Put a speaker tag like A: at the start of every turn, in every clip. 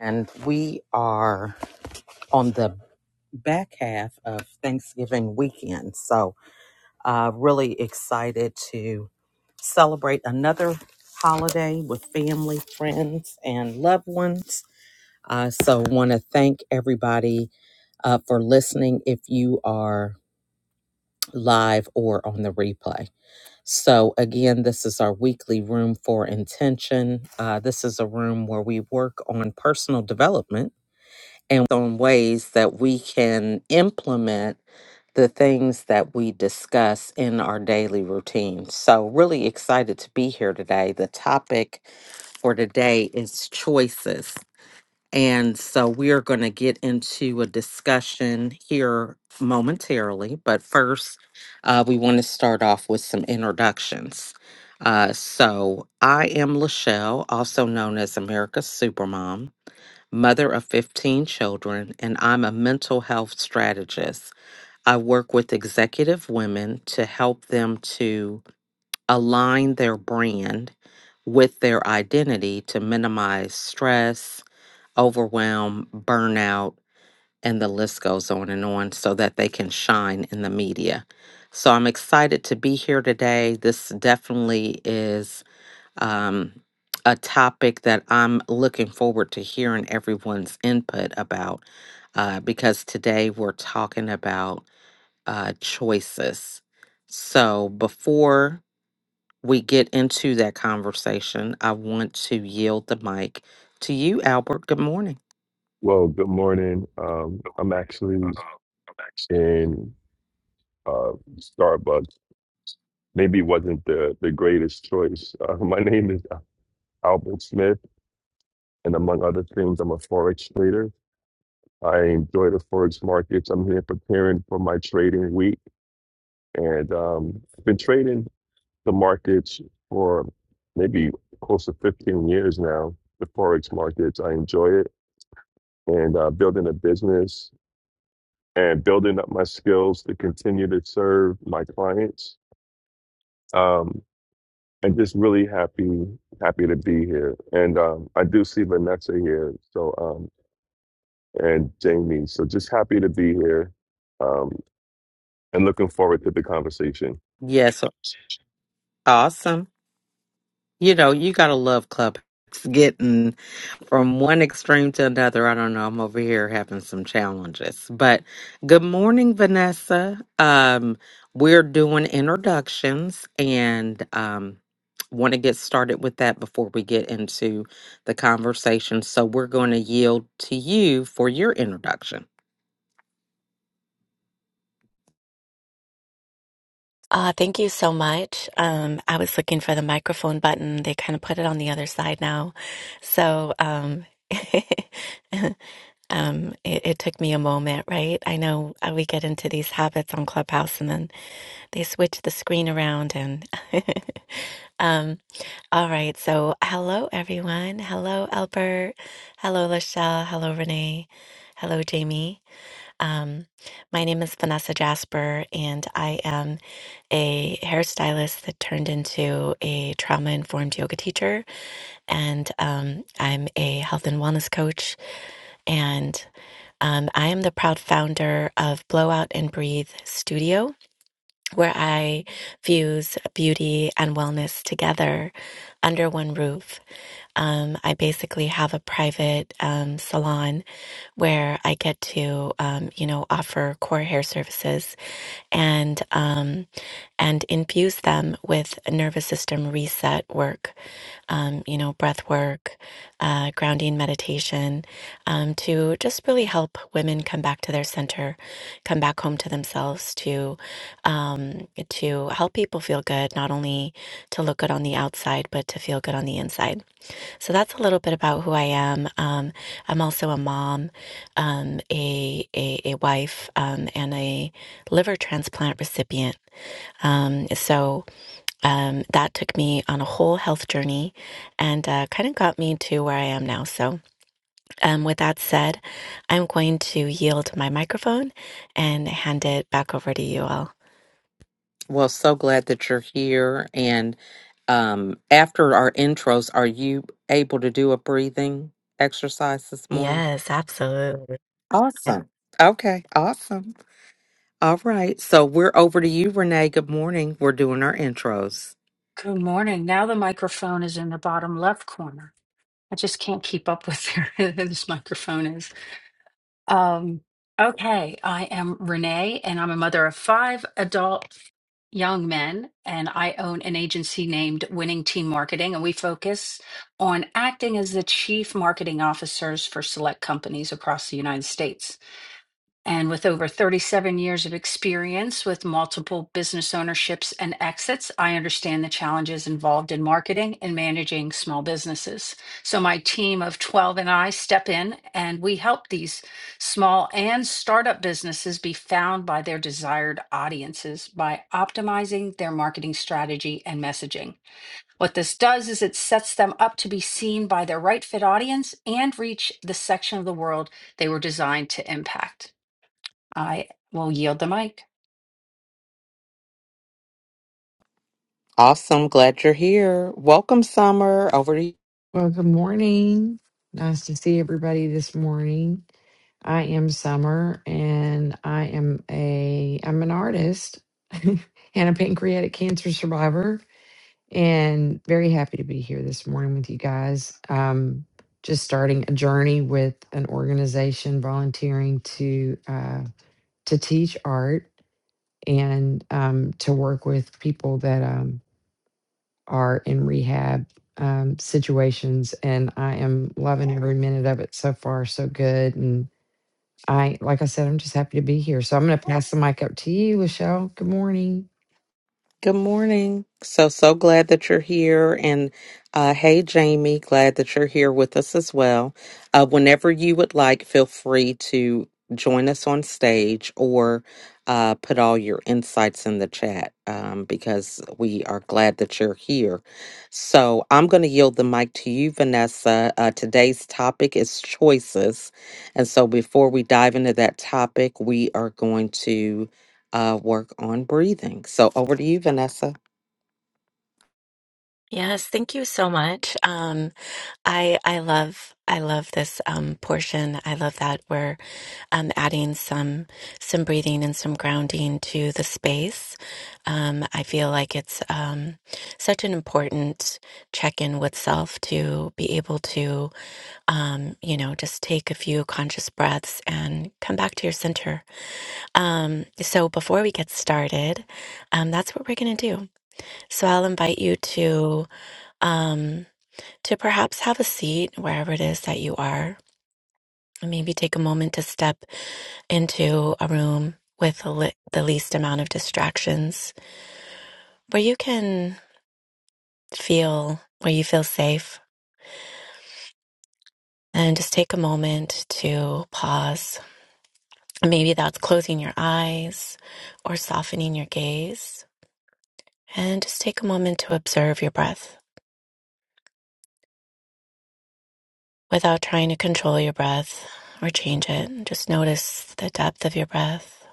A: And we are on the back half of Thanksgiving weekend. So, uh, really excited to celebrate another holiday with family, friends, and loved ones. Uh, so, want to thank everybody uh, for listening if you are live or on the replay. So, again, this is our weekly room for intention. Uh, this is a room where we work on personal development and on ways that we can implement the things that we discuss in our daily routine. So, really excited to be here today. The topic for today is choices. And so, we are going to get into a discussion here momentarily. But first, uh, we want to start off with some introductions. Uh, so, I am Lachelle, also known as America's Supermom mother of 15 children, and I'm a mental health strategist. I work with executive women to help them to align their brand with their identity to minimize stress, overwhelm, burnout, and the list goes on and on so that they can shine in the media. So I'm excited to be here today. This definitely is um, a topic that I'm looking forward to hearing everyone's input about uh, because today we're talking about uh, choices. So before we get into that conversation, I want to yield the mic to you, Albert. Good morning.
B: Well, good morning. Um, I'm actually in uh, Starbucks. Maybe wasn't the, the greatest choice. Uh, my name is Albert Smith, and among other things, I'm a forex trader. I enjoy the forex markets. I'm here preparing for my trading week, and um, I've been trading the markets for maybe close to 15 years now. The forex markets, I enjoy it, and uh, building a business. and building up my skills to continue to serve my clients. Um, and just really happy, happy to be here. And um, I do see Vanessa here, so um, and Jamie. So just happy to be here, um, and looking forward to the conversation.
A: Yes, awesome. You know, you gotta love Clubhouse. Getting from one extreme to another. I don't know. I'm over here having some challenges. But good morning, Vanessa. Um, we're doing introductions and um want to get started with that before we get into the conversation. So we're going to yield to you for your introduction.
C: Uh, thank you so much. Um, I was looking for the microphone button. They kind of put it on the other side now. So, um, um, it, it took me a moment, right? I know uh, we get into these habits on Clubhouse and then they switch the screen around and, um, all right. So hello, everyone. Hello, Albert. Hello, Lachelle. Hello, Renee. Hello, Jamie. Um, my name is Vanessa Jasper, and I am a hairstylist that turned into a trauma informed yoga teacher. And um, I'm a health and wellness coach. And um, I am the proud founder of Blowout and Breathe Studio, where I fuse beauty and wellness together under one roof. Um, I basically have a private um, salon where I get to, um, you know, offer core hair services and. Um, and infuse them with nervous system reset work, um, you know, breath work, uh, grounding meditation, um, to just really help women come back to their center, come back home to themselves, to um, to help people feel good, not only to look good on the outside, but to feel good on the inside. So that's a little bit about who I am. Um, I'm also a mom, um, a, a a wife, um, and a liver transplant recipient. Um, so um, that took me on a whole health journey and uh, kind of got me to where I am now. So, um, with that said, I'm going to yield my microphone and hand it back over to you all.
A: Well, so glad that you're here. And um, after our intros, are you able to do a breathing exercise this morning?
C: Yes, absolutely.
A: Awesome. Okay, awesome. All right. So we're over to you, Renee. Good morning. We're doing our intros.
D: Good morning. Now the microphone is in the bottom left corner. I just can't keep up with where this microphone is. Um, okay, I am Renee, and I'm a mother of five adult young men, and I own an agency named Winning Team Marketing, and we focus on acting as the chief marketing officers for select companies across the United States. And with over 37 years of experience with multiple business ownerships and exits, I understand the challenges involved in marketing and managing small businesses. So my team of 12 and I step in and we help these small and startup businesses be found by their desired audiences by optimizing their marketing strategy and messaging. What this does is it sets them up to be seen by their right fit audience and reach the section of the world they were designed to impact. I will yield the mic.
A: Awesome. Glad you're here. Welcome, Summer. Over to you.
E: Well, good morning. Nice to see everybody this morning. I am Summer and I am a I'm an artist and a pancreatic cancer survivor and very happy to be here this morning with you guys. Um just starting a journey with an organization volunteering to uh to teach art and um to work with people that um, are in rehab um, situations, and I am loving every minute of it so far. So good, and I, like I said, I'm just happy to be here. So I'm going to pass the mic up to you, Lachelle. Good morning.
A: Good morning. So, so glad that you're here. And uh, hey, Jamie, glad that you're here with us as well. Uh, whenever you would like, feel free to join us on stage or uh, put all your insights in the chat um, because we are glad that you're here. So, I'm going to yield the mic to you, Vanessa. Uh, today's topic is choices. And so, before we dive into that topic, we are going to uh, work on breathing. So over to you, Vanessa.
C: Yes, thank you so much. Um, I I love I love this um, portion. I love that we're um, adding some some breathing and some grounding to the space. Um, I feel like it's um, such an important check in with self to be able to um, you know just take a few conscious breaths and come back to your center. Um, so before we get started, um, that's what we're gonna do. So I'll invite you to. Um, to perhaps have a seat wherever it is that you are, and maybe take a moment to step into a room with the le- the least amount of distractions where you can feel where you feel safe and just take a moment to pause. Maybe that's closing your eyes or softening your gaze and just take a moment to observe your breath without trying to control your breath or change it. Just notice the depth of your breath,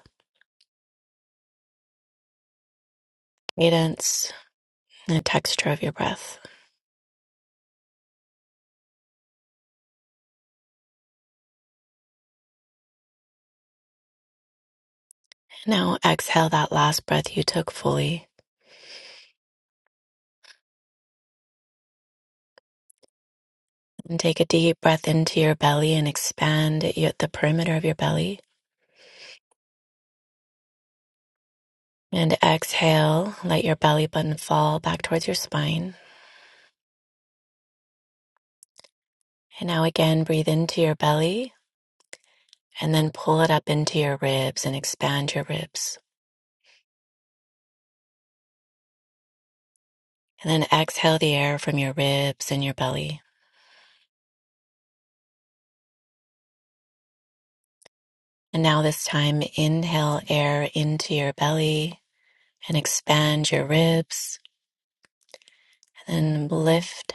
C: cadence, and the texture of your breath. Now exhale that last breath you took fully. And take a deep breath into your belly and expand your, the perimeter of your belly. And exhale, let your belly button fall back towards your spine. And now again, breathe into your belly and then pull it up into your ribs and expand your ribs. And then exhale the air from your ribs and your belly. And now this time, inhale air into your belly and expand your ribs. And then lift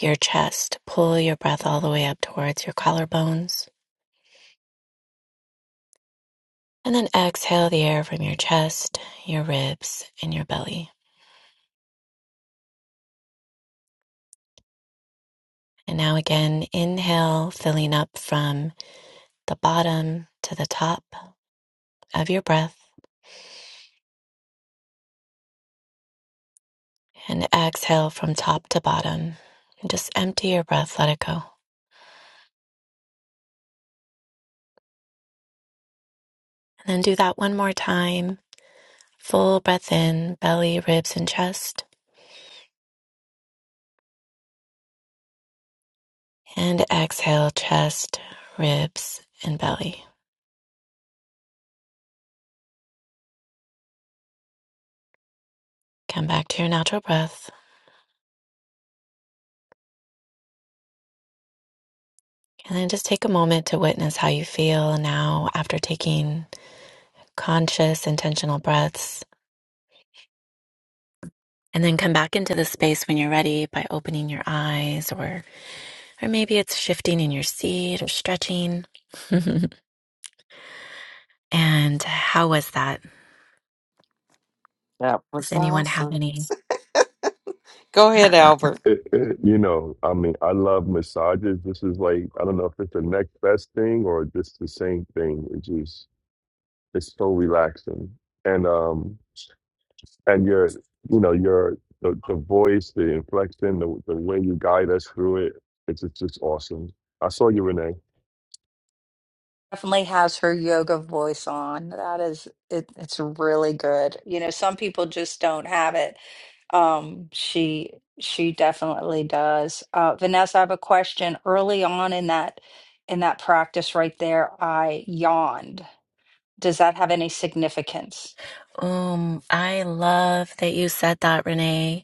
C: your chest. Pull your breath all the way up towards your collarbones. And then exhale the air from your chest, your ribs, and your belly. And now again, inhale, filling up from the bottom to the top of your breath. And exhale from top to bottom. And just empty your breath, let it go. And then do that one more time. Full breath in, belly, ribs, and chest. And exhale, chest, ribs, and belly. Come back to your natural breath. And then just take a moment to witness how you feel now after taking conscious, intentional breaths. And then come back into the space when you're ready by opening your eyes or or maybe it's shifting in your seat or stretching. and how was that?
A: That was
C: Does anyone have
A: awesome.
C: any?
A: Go ahead, Albert.
B: It, it, you know, I mean, I love massages. This is like I don't know if it's the next best thing or just the same thing. It just it's so relaxing, and um, and your you know your the, the voice the inflection the, the way you guide us through it it's, it's just awesome i saw you renee
D: Definitely has her yoga voice on. That is it, it's really good. You know, some people just don't have it. Um, she she definitely does. Uh, Vanessa, I have a question. Early on in that in that practice right there, I yawned. Does that have any significance?
C: um, I love that you said that, Renee.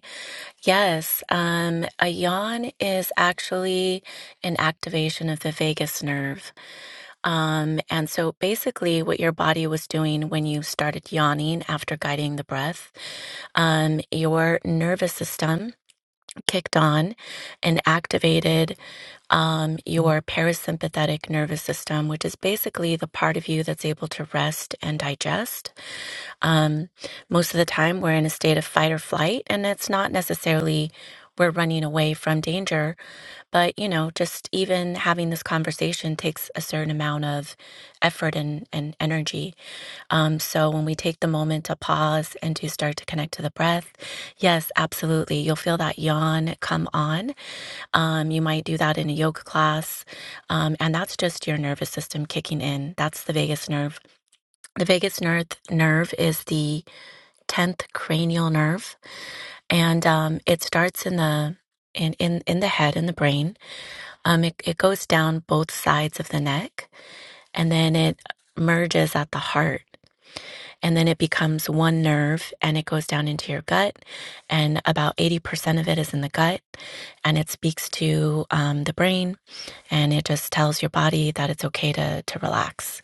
C: Yes, um, a yawn is actually an activation of the vagus nerve. Um, and so basically, what your body was doing when you started yawning after guiding the breath, um, your nervous system kicked on and activated um, your parasympathetic nervous system, which is basically the part of you that's able to rest and digest. Um, most of the time, we're in a state of fight or flight, and it's not necessarily we're running away from danger, but you know, just even having this conversation takes a certain amount of effort and, and energy. Um, so when we take the moment to pause and to start to connect to the breath, yes, absolutely. You'll feel that yawn come on. Um, you might do that in a yoga class. Um, and that's just your nervous system kicking in. That's the vagus nerve. The vagus nerve nerve is the tenth cranial nerve, and um, it starts in the in, in in the head in the brain. Um, it it goes down both sides of the neck, and then it merges at the heart, and then it becomes one nerve, and it goes down into your gut, and about eighty percent of it is in the gut, and it speaks to um, the brain, and it just tells your body that it's okay to to relax.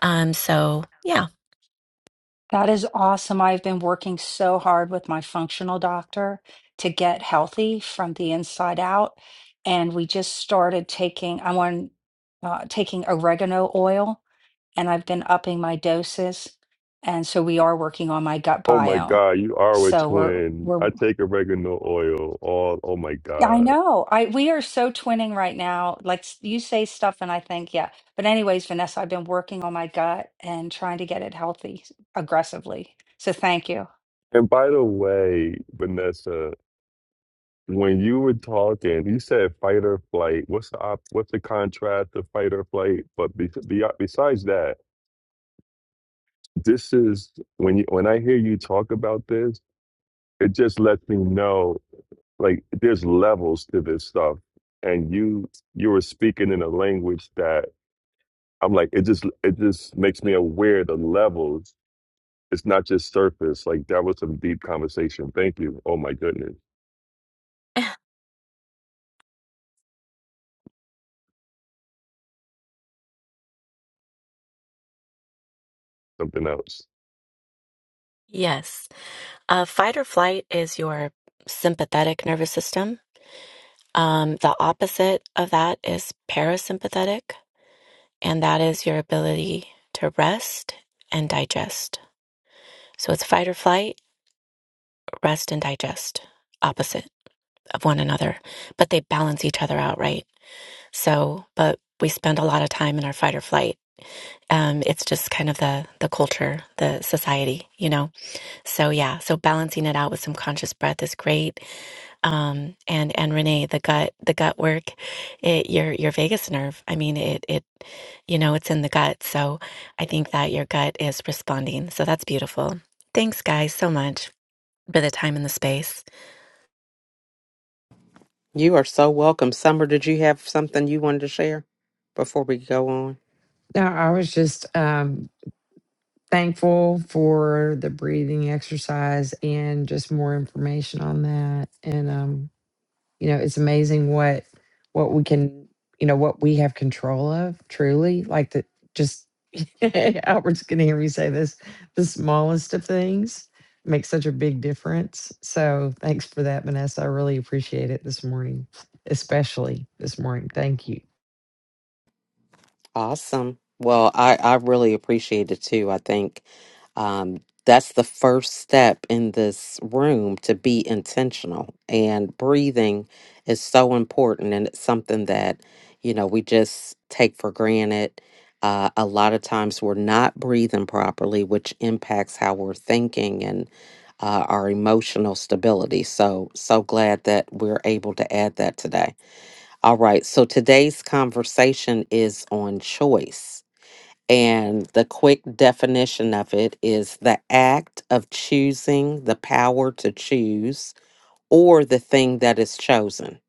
C: Um, so yeah,
D: That is awesome. I've been working so hard with my functional doctor to get healthy from the inside out. And we just started taking, I want, uh, taking oregano oil and I've been upping my doses. And so we are working on my gut
B: oh my
D: biome.
B: god you are a
D: So we're
B: twin
D: we're
B: i take oregano oil all oh my
D: yeah, I
B: god
D: know. I we are so twinning right now. Like s- you say stuff and I think, yeah. But anyways, Vanessa, I've been working on my gut and trying to get it healthy aggressively. So thank you.
B: and by the way vanessa when you were talking you said fight or flight what's the op- what's the contrast of fight or flight but be- be- besides that this is when you when i hear you talk about this it just lets me know like there's levels to this stuff and you you were speaking in a language that i'm like it just it just makes me aware the levels it's not just surface like that was some deep conversation thank you oh my goodness something else
C: yes. Uh, fight or flight is your sympathetic nervous system. Um, the opposite of that is parasympathetic, and that is your ability to rest and digest. So it's fight or flight, rest and digest, opposite of one another, but they balance each other out, right? So, but we spend a lot of time in our fight or flight. Um, it's just kind of the the culture, the society, you know. So yeah, so balancing it out with some conscious breath is great. Um, and and Renee, the gut, the gut work, it, your your vagus nerve. I mean, it it, you know, it's in the gut. So I think that your gut is responding. So that's beautiful. Thanks, guys, so much for the time and the space.
A: You are so welcome. Summer, did you have something you wanted to share before we go on?
E: No, I was just um, thankful for the breathing exercise and just more information on that, and um, you know it's amazing what what we can you know what we have control of truly like the just albert's gonna hear me say this the smallest of things make such a big difference so thanks for that vanessa i really appreciate it this morning especially this morning thank you
A: Awesome. Well, I, I really appreciate it too. I think um, that's the first step in this room to be intentional. And breathing is so important. And it's something that, you know, we just take for granted. Uh, a lot of times we're not breathing properly, which impacts how we're thinking and uh, our emotional stability. So, so glad that we're able to add that today. All right. So today's conversation is on choice. And the quick definition of it is the act of choosing the power to choose or the thing that is chosen.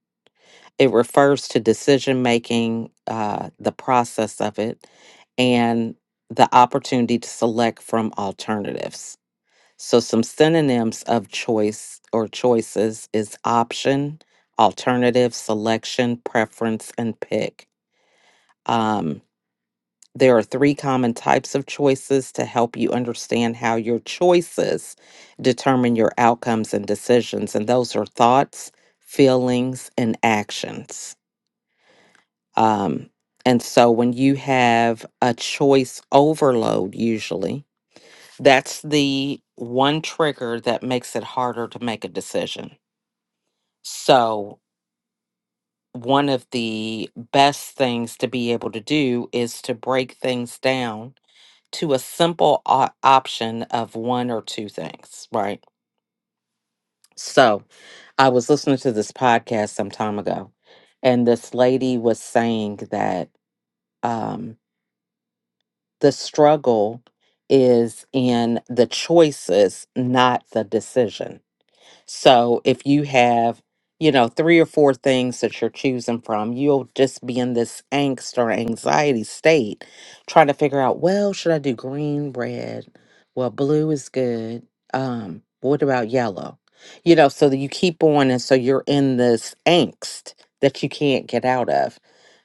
A: It refers to decision making, uh, the process of it, and the opportunity to select from alternatives. So, some synonyms of choice or choices is option, alternative, selection, preference, and pick. Um, there are three common types of choices to help you understand how your choices determine your outcomes and decisions. And those are thoughts, feelings, and actions. Um, and so when you have a choice overload, usually that's the one trigger that makes it harder to make a decision. So, one of the best things to be able to do is to break things down to a simple o- option of one or two things, right? So I was listening to this podcast some time ago, and this lady was saying that um, the struggle is in the choices, not the decision So if you have, you know, three or four things that you're choosing from, you'll just be in this angst or anxiety state trying to figure out, well, should I do green, red? Well, blue is good. Um, what about yellow? You know, so that you keep on and so you're in this angst that you can't get out of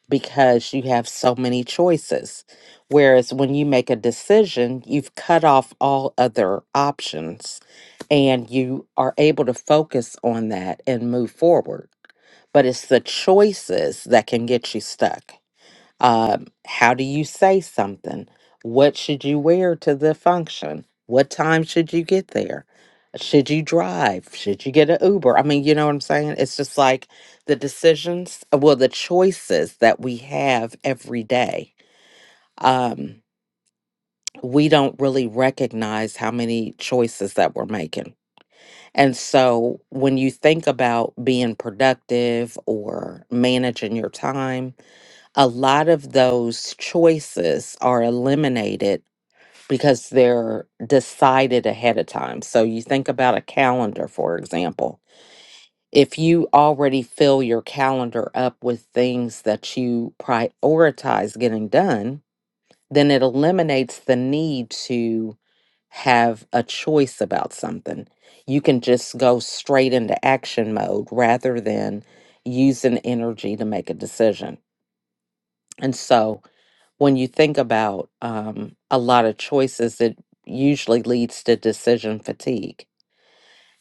A: because you have so many choices. Whereas when you make a decision, you've cut off all other options and you are able to focus on that and move forward. But it's the choices that can get you stuck. Um, how do you say something? What should you wear to the function? What time should you get there? Should you drive? Should you get an Uber? I mean, you know what I'm saying? It's just like the decisions, uh, well, the choices that we have every day. Um, we don't really recognize how many choices that we're making. And so when you think about being productive or managing your time, a lot of those choices are eliminated because they're decided ahead of time. So you think about a calendar, for example. If you already fill your calendar up with things that you prioritize getting done, then it eliminates the need to have a choice about something. You can just go straight into action mode rather than using energy to make a decision. And so when you think about um, a lot of choices, it usually leads to decision fatigue.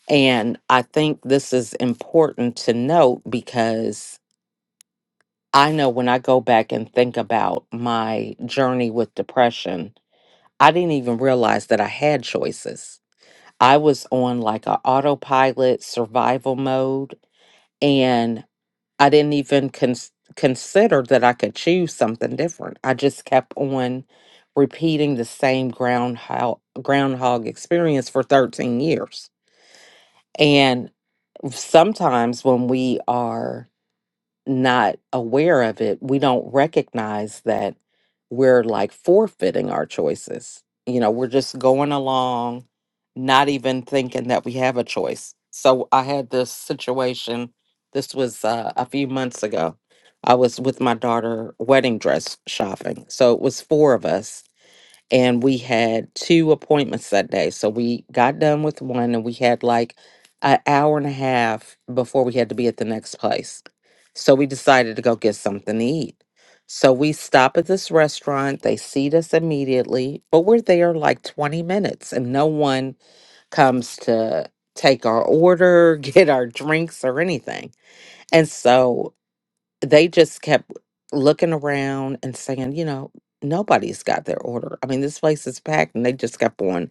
A: And I think this is important to note because I know when I go back and think about my journey with depression, I didn't even realize that I had choices. I was on like a autopilot survival mode. and. I didn't even cons- consider that I could choose something different. I just kept on repeating the same groundhog groundhog experience for 13 years. And sometimes when we are not aware of it, we don't recognize that we're like forfeiting our choices. You know, we're just going along, not even thinking that we have a choice. So I had this situation, this was uh, a few months ago. I was with my daughter wedding dress shopping. So it was four of us and we had two appointments that day. So we got done with one and we had like an hour and a half before we had to be at the next place. So we decided to go get something to eat. So we stop at this restaurant. They seat us immediately, but we're there like 20 minutes and no one comes to take our order, get our drinks, or anything. And so they just kept looking around and saying, you know, nobody's got their order. I mean, this place is packed, and they just kept on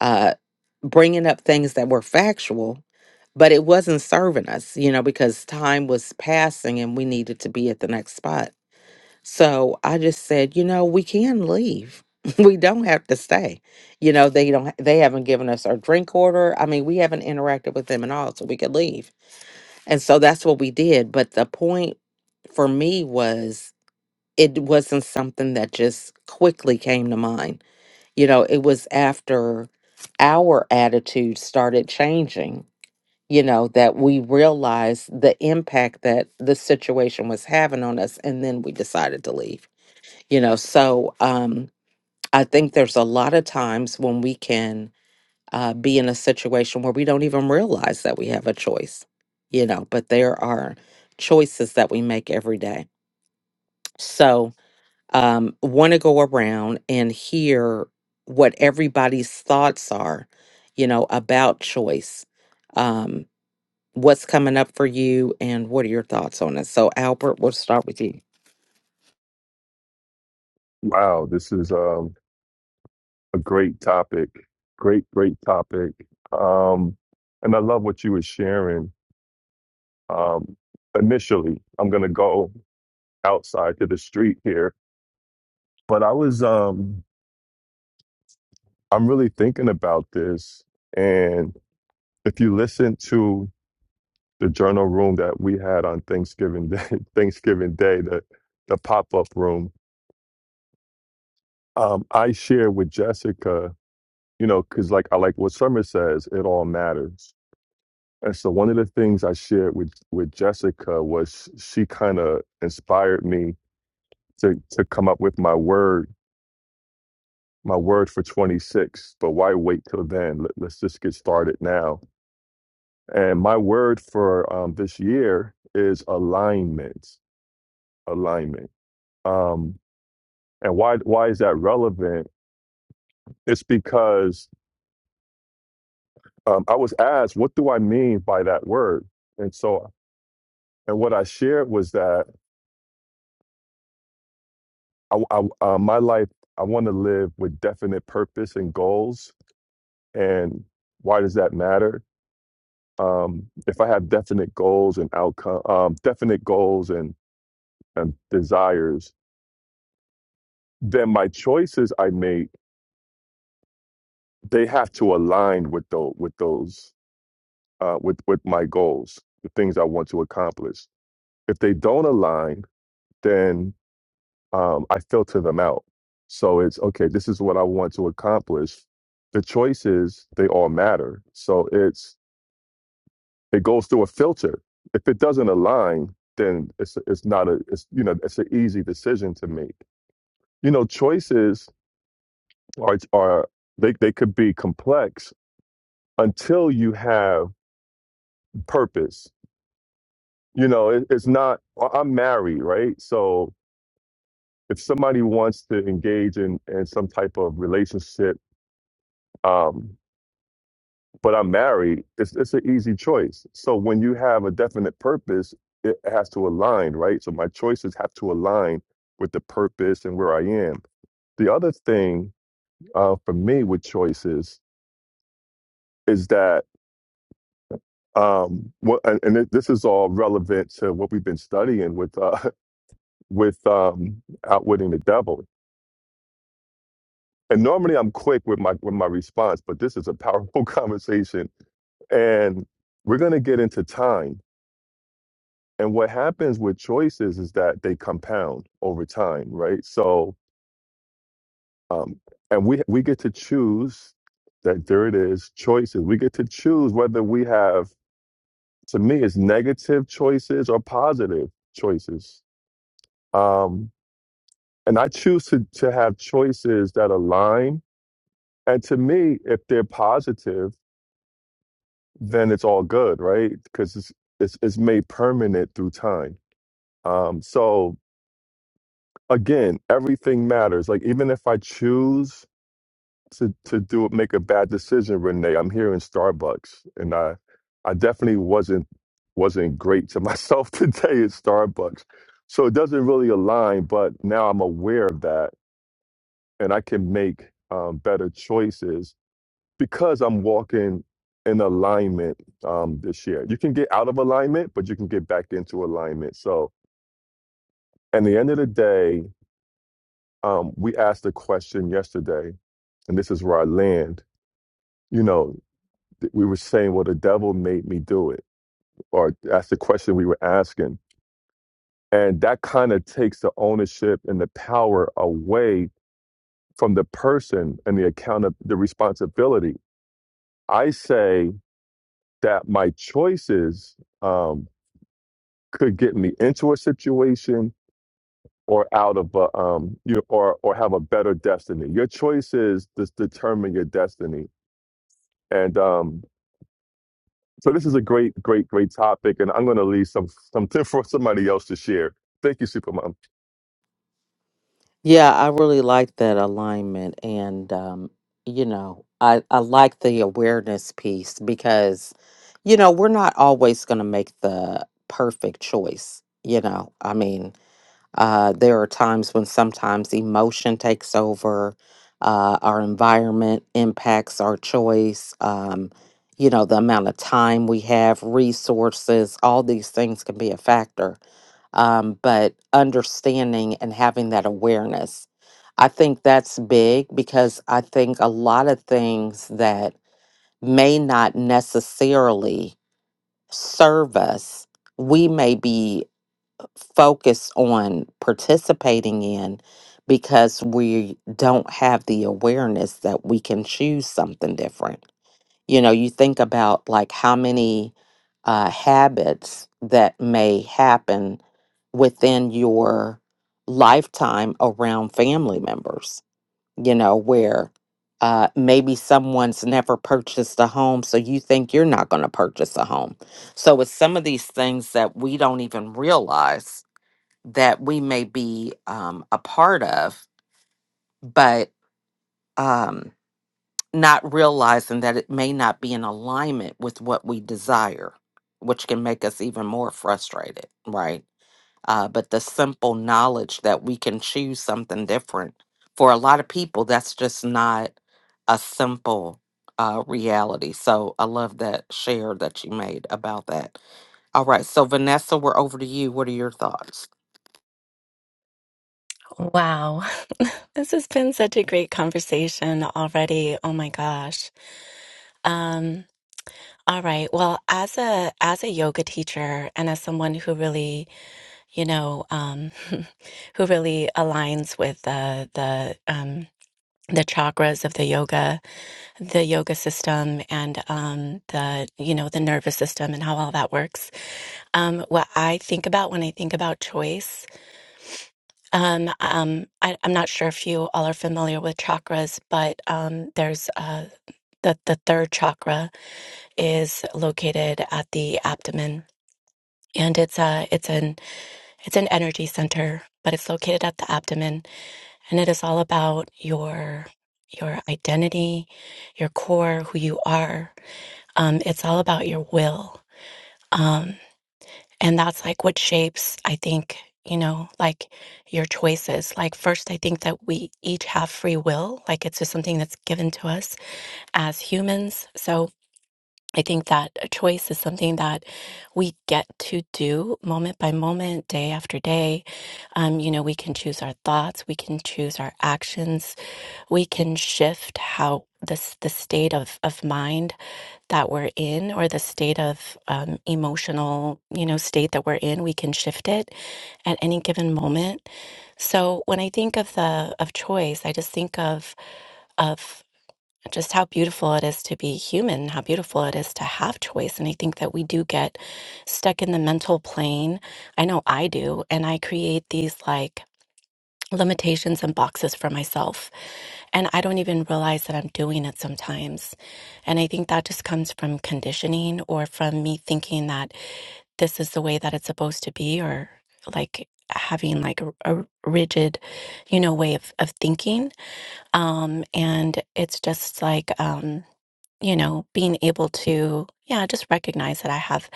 A: uh, bringing up things that were factual, but it wasn't serving us, you know, because time was passing and we needed to be at the next spot. So I just said, you know, we can leave. We don't have to stay. You know, they don't they haven't given us our drink order. I mean, we haven't interacted with them at all, so we could leave. And so that's what we did. But the point for me was it wasn't something that just quickly came to mind. You know, it was after our attitude started changing, you know, that we realized the impact that the situation was having on us. And then we decided to leave, you know. So um, I think there's a lot of times when we can uh, be in a situation where we don't even realize that we have a choice, you know, but there are choices that we make every day. So, um, want to go around and hear what everybody's thoughts are, you know, about choice. Um, what's coming up for you and what are your thoughts on it. So, Albert, we'll start with you.
B: wow this is um a great topic great great topic um and i love what you were sharing um initially i'm gonna go outside to the street here but i was um I'm really thinking about this. And if you listen to the journal room that we had on Thanksgiving Day, Thanksgiving Day, the the pop up room, um, I share with Jessica, you know, because like I like what Summer says, it all matters. And so one of the things I shared with with Jessica was she kind of inspired me to to come up with my word, my word for 26. But why wait till then? Let, let's just get started now. And my word for um, this year is alignment. Alignment. Um, and why why is that relevant? It's because um, I was asked, what do I mean by that word? And so, and what I shared was that I, I, uh, my life, I want to live with definite purpose and goals. And why does that matter? Um, if I have definite goals and outcome, um, definite goals and, and desires, then my choices I make they have to align with those with those uh, with with my goals, the things I want to accomplish. If they don't align, then um, I filter them out. So it's okay. This is what I want to accomplish. The choices they all matter. So it's it goes through a filter. If it doesn't align, then it's it's not a it's you know it's an easy decision to make. You know, choices are are they they could be complex until you have purpose you know it, it's not I- i'm married right so if somebody wants to engage in in some type of relationship um but i'm married it's it's an easy choice so when you have a definite purpose it has to align right so my choices have to align with the purpose and where i am the other thing uh, for me with choices is that um what and, and it- this is all relevant to what we've been studying with uh with um outwitting the devil and normally I'm quick with my with my response, but this is a powerful conversation, and we're going to get into time. And what happens with choices is that they compound over time, right? So, um, and we we get to choose that. There it is, choices. We get to choose whether we have. To me, it's negative choices or positive choices. Um, and I choose to to have choices that align. And to me, if they're positive then it's all good, right? Because it's, it's it's made permanent through time. Um, so again, everything matters. Like even if I choose to to do make a bad decision, Renee, I'm here in Starbucks, and I I definitely wasn't wasn't great to myself today at Starbucks. So it doesn't really align, but now I'm aware of that, and I can make um, better choices because I'm walking in alignment um, this year. You can get out of alignment, but you can get back into alignment. So, at the end of the day, um, we asked a question yesterday, and this is where I land. You know, th- we were saying, "Well, the devil made me do it," or that's the question we were asking, and that kind of takes the ownership and the power away from the person and the account of the responsibility. I say that my choices. Um, could get me into a situation or out of a um you know, or or have a better destiny. Your choices just determine your destiny. And um so this is a great, great, great topic, and I'm going to leave some something for somebody else to share. Thank you, Supermom.
A: Yeah, I really like that alignment. And, um, you know, I, I like the awareness piece because, you know, we're not always going to make the perfect choice. You know, I mean, Uh, there are times when sometimes emotion takes over, uh, our environment impacts our choice, um, you know, the amount of time we have, resources, all these things can be a factor. Um, but understanding and having that awareness, I think that's big because I think a lot of things that may not necessarily serve us, we may be focus on participating in because we don't have the awareness that we can choose something different. You know, you think about like how many uh, habits that may happen within your lifetime around family members, you know, where uh, maybe someone's never purchased a home, so you think you're not going to purchase a home. So it's some of these things that we don't even realize that we may be um, a part of, but um, not realizing that it may not be in alignment with what we desire, which can make us even more frustrated, right? Uh, but the simple knowledge that we can choose something different for a lot of people, that's just not a simple uh, reality. So I love that share that you made about that. All right. So, Vanessa, we're over to you. What are your thoughts?
C: Wow, this has been such a great conversation already. Oh my gosh. Um, all right. Well, as a as a yoga teacher and as someone who really you know, um, who really aligns with uh, the um, the chakras of the yoga, the yoga system, and um, the you know the nervous system and how all that works. Um, what I think about when I think about choice, um, um, I, I'm not sure if you all are familiar with chakras, but um, there's uh, the the third chakra is located at the abdomen, and it's a it's an It's an energy center, but it's located at the abdomen, and it is all about your your identity, your core, who you are. Um, it's all about your will, um, and that's like what shapes. I think you know, like your choices. Like first, I think that we each have free will. Like it's just something that's given to us as humans. So I think that a choice is something that we get to do moment by moment, day after day. Um, you know, we can choose our thoughts, we can choose our actions, we can shift how this the state of, of mind that we're in or the state of um, emotional you know state that we're in we can shift it at any given moment so when i think of the of choice i just think of of just how beautiful it is to be human, how beautiful it is to have choice. And I think that we do get stuck in the mental plane. I know I do. And I create these like limitations and boxes for myself. And I don't even realize that I'm doing it sometimes. And I think that just comes from conditioning or from me thinking that this is the way that it's supposed to be or like having like a, a rigid you know way of, of thinking um and it's just like um you know being able to yeah just recognize that i have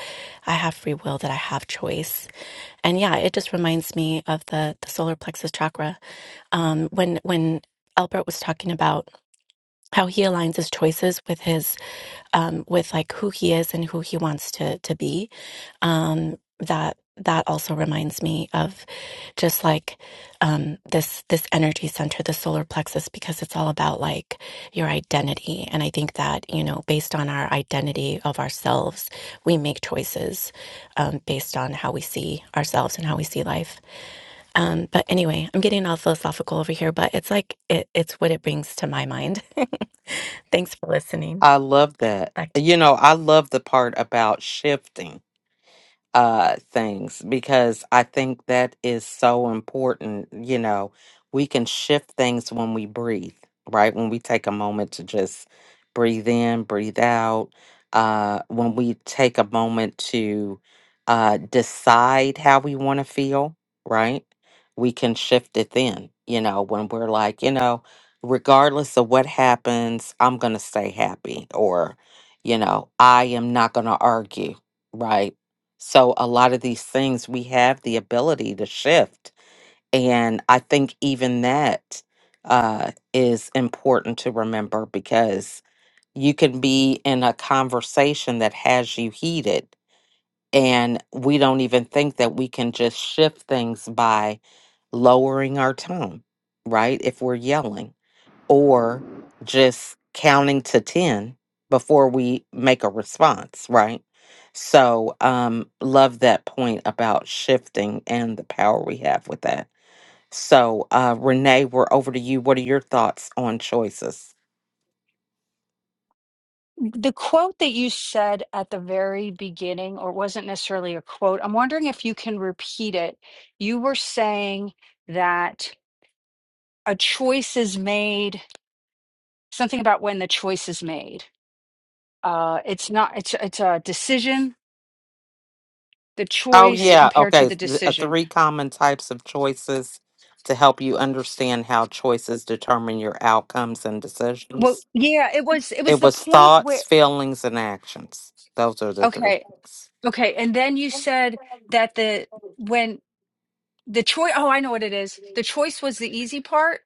C: i have free will that i have choice and yeah it just reminds me of the the solar plexus chakra um when when albert was talking about how he aligns his choices with his um with like who he is and who he wants to to be um, that that also reminds me of just like um, this this energy center, the solar plexus, because it's all about like your identity. And I think that you know, based on our identity of ourselves, we make choices um, based on how we see ourselves and how we see life. Um, but anyway, I'm getting all philosophical over here, but it's like it, it's what it brings to my mind. Thanks for listening.
A: I love that.
C: Back to
A: You know, I love the part about shifting uh things because I think that is so important. You know, we can shift things when we breathe, right? When we take a moment to just breathe in, breathe out, uh when we take a moment to uh decide how we want to feel, right? We can shift it then, you know, when we're like, you know, regardless of what happens, I'm going to stay happy or you know, I am not going to argue right? So a lot of these things we have the ability to shift. And I think even that uh, is important to remember because you can be in a conversation that has you heated. And we don't even think that we can just shift things by lowering our tone, right? If we're yelling or just counting to 10 before we make a response, right? So, um, love that point about shifting and the power we have with that. So, uh, Renee, we're over to you. What are your thoughts on choices?
D: The quote that you said at the very beginning, or it wasn't necessarily a quote, I'm wondering if you can repeat it. You were saying that a choice is made something about when the choice is made. Uh, it's not. It's it's a decision. The
A: Oh,
D: choice
A: yeah.
D: compared to
A: Okay.
D: the
A: th- uh,
D: decision.
A: three common types of choices to help you understand how choices determine your outcomes and
D: Well,
A: decisions.
D: yeah, it was. It was
A: It
D: the
A: was
D: point
A: thoughts,
D: where.
A: feelings, and actions. Those are the three
D: Okay,
A: things.
D: okay, and then you said that the when the choice. Oh, I know what it is. The choice was the easy part.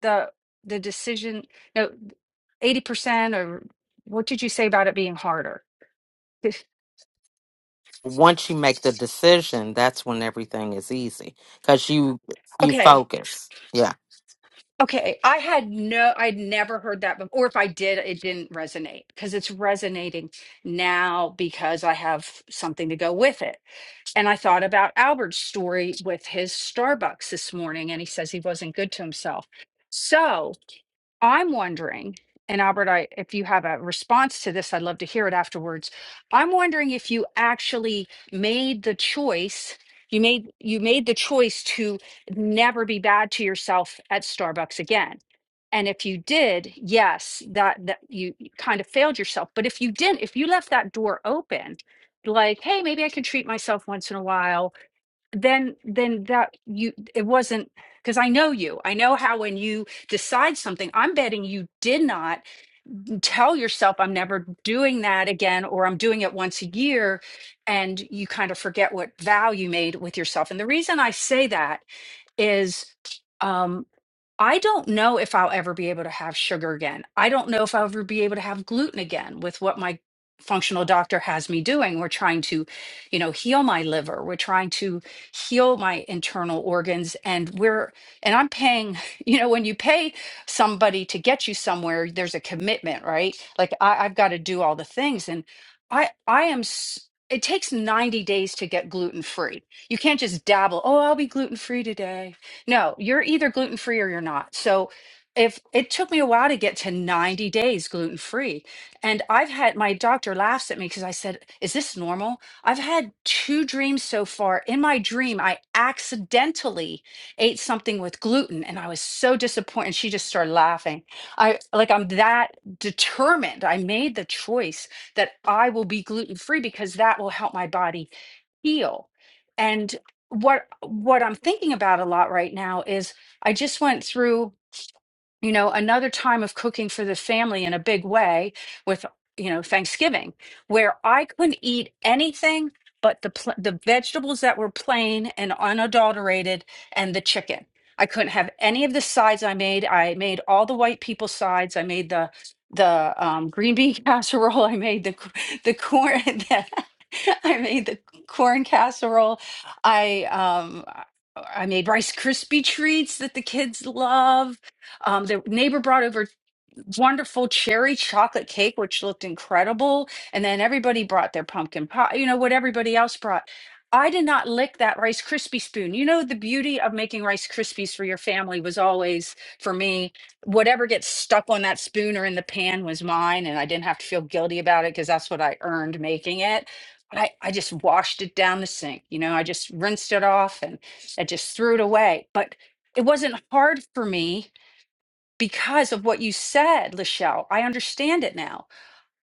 D: The the decision. No, eighty percent or what did you say about it being harder? This-
A: once you make the decision, that's when everything is easy because you you
D: Okay,
A: focus. Yeah,
D: Okay, I had no, I'd never heard that before. Or if I did, it didn't resonate because it's resonating now because I have something to go with it. And I thought about Albert's story with his Starbucks this morning, and he says he wasn't good to himself. So I'm wondering, and Albert, I, if you have a response to this, I'd love to hear it afterwards. I'm wondering if you actually made the choice. You made you made the choice to never be bad to yourself at Starbucks again. And if you did, yes, that that you you kind of failed yourself. But if you didn't, if you left that door open, like, hey, maybe I can treat myself once in a while, then then that you it wasn't because I know you. I know how when you decide something, I'm betting you did not tell yourself I'm never doing that again or I'm doing it once a year and you kind of forget what vow you made with yourself. And the reason I say that is um, I don't know if I'll ever be able to have sugar again. I don't know if I'll ever be able to have gluten again with what my functional doctor has me doing. We're trying to, you know, heal my liver. We're trying to heal my internal organs. And we're, and I'm paying, you know, when you pay somebody to get you somewhere, there's a commitment, right? Like I, I've got to do all the things. And I, I am, s- it takes 90 days to get gluten free. You can't just dabble, oh, I'll be gluten free today. No, you're either gluten free or you're not. So if it took me a while to get to 90 days gluten free, and I've had my doctor laughs at me because I said, Is this normal? I've had two dreams so far. In my dream, I accidentally ate something with gluten and I was so disappointed. She just started laughing. I like, I'm that determined. I made the choice that I will be gluten free because that will help my body heal. And what what I'm thinking about a lot right now is I just went through you know, another time of cooking for the family in a big way with, you know, Thanksgiving, where I couldn't eat anything but the pl- the vegetables that were plain and unadulterated and the chicken. I couldn't have any of the sides I made. I made all the white people sides. I made the the um, green bean casserole. I made the c- the corn. The, I made the corn casserole. I um I I made Rice Krispie treats that the kids love. Um, the neighbor brought over wonderful cherry chocolate cake, which looked incredible. And then everybody brought their pumpkin pie, you know, what everybody else brought. I did not lick that Rice Krispie spoon. You know, the beauty of making Rice Krispies for your family was always, for me, whatever gets stuck on that spoon or in the pan was mine. And I didn't have to feel guilty about it because that's what I earned making it. But I, I just washed it down the sink. You know, I just rinsed it off and I just threw it away. But it wasn't hard for me because of what you said, Lachelle. I understand it now.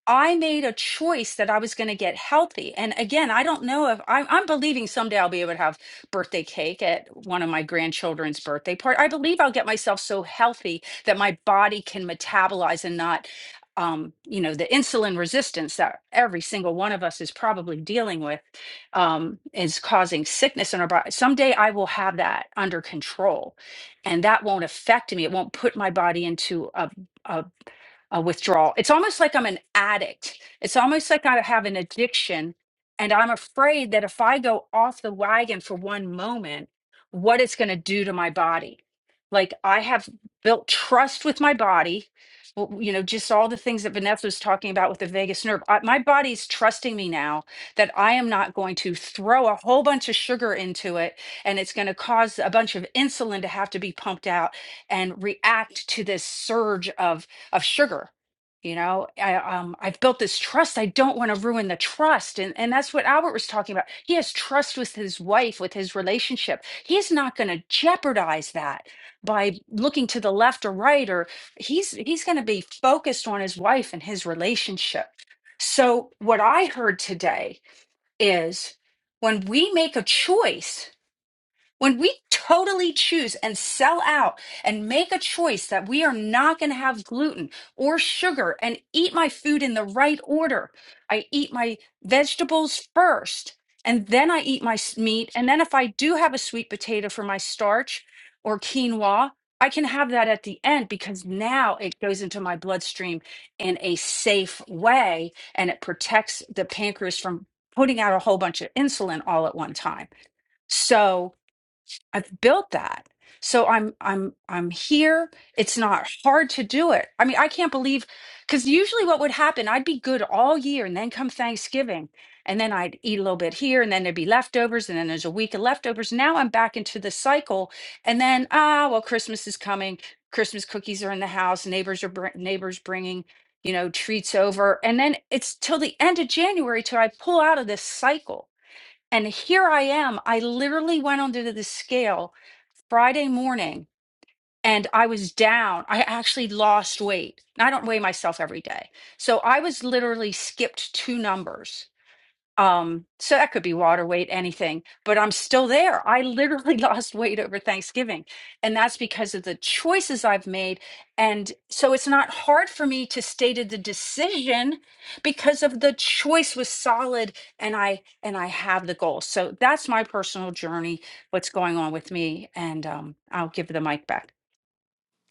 D: I made a choice that I was going to get healthy. And again, I don't know if I'm, I'm believing someday I'll be able to have birthday cake at one of my grandchildren's birthday party. I believe I'll get myself so healthy that my body can metabolize and not, um, you know, the insulin resistance that every single one of us is probably dealing with um, is causing sickness in our body. Someday I will have that under control, and that won't affect me. It won't put my body into a a uh, withdrawal. It's almost like I'm an addict. It's almost like I have an addiction. And I'm afraid that if I go off the wagon for one moment, what it's going to do to my body. Like I have built trust with my body. Well, You know, just all the things that Vanessa was talking about with the vagus nerve. I, my body's trusting me now that I am not going to throw a whole bunch of sugar into it and it's going to cause a bunch of insulin to have to be pumped out and react to this surge of of sugar you know i um i've built this trust i don't want to ruin the trust and and that's what albert was talking about he has trust with his wife with his relationship he's not going to jeopardize that by looking to the left or right or he's he's going to be focused on his wife and his relationship so what i heard today is when we make a choice when we totally choose and sell out and make a choice that we are not going to have gluten or sugar and eat my food in the right order, I eat my vegetables first and then I eat my s- meat. And then if I do have a sweet potato for my starch or quinoa, I can have that at the end because now it goes into my bloodstream in a safe way and it protects the pancreas from putting out a whole bunch of insulin all at one time. So, I've built that. So I'm I'm I'm here. It's not hard to do it. I mean, I can't believe cuz usually what would happen, I'd be good all year and then come Thanksgiving and then I'd eat a little bit here and then there'd be leftovers and then there's a week of leftovers. Now I'm back into the cycle and then ah, well Christmas is coming. Christmas cookies are in the house, neighbors are br- neighbors bringing, you know, treats over and then it's till the end of January till I pull out of this cycle. And here I am. I literally went onto the scale Friday morning and I was down. I actually lost weight. I don't weigh myself every day. So I was literally skipped two numbers um, so that could be water weight, anything, but I'm still there. I literally lost weight over Thanksgiving, and that's because of the choices I've made. And so it's not hard for me to state the decision because of the choice was solid and I and I have the goal. So that's my personal journey, what's going on with me, and um, I'll give the mic back.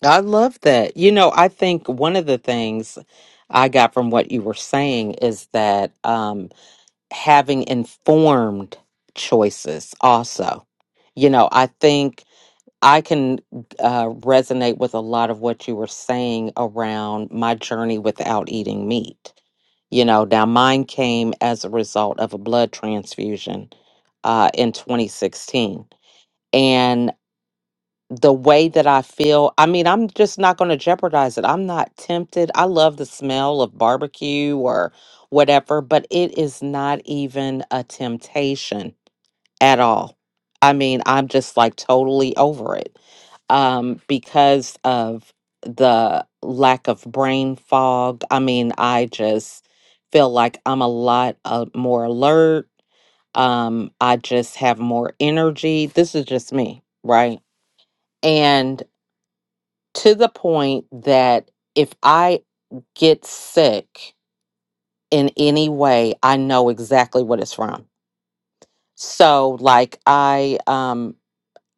A: I love that. You know, I think one of the things I got from what you were saying is that um, having informed choices also. You know, I think I can uh, resonate with a lot of what you were saying around my journey without eating meat. You know, now mine came as a result of a blood transfusion uh, in 2016. And the way that I feel, I mean, I'm just not going to jeopardize it. I'm not tempted. I love the smell of barbecue or whatever, but it is not even a temptation at all. I mean, I'm just like totally over it um, because of the lack of brain fog. I mean, I just feel like I'm a lot uh, more alert. Um, I just have more energy. This is just me, right? And to the point that if I get sick in any way, I know exactly what it's from. So, like, I um,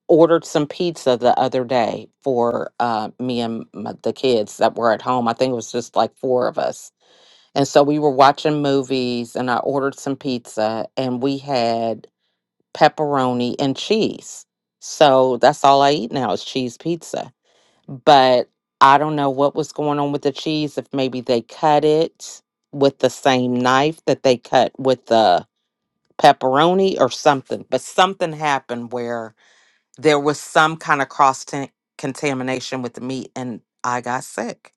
A: ordered some pizza the other day for uh, me and my, the kids that were at home. I think it was just like four of us. And so we were watching movies, and I ordered some pizza, and we had pepperoni and cheese. So that's all I eat now is cheese pizza. But I don't know what was going on with the cheese, if maybe they cut it with the same knife that they cut with the pepperoni or something. But something happened where there was some kind of cross ta- contamination with the meat and I got sick.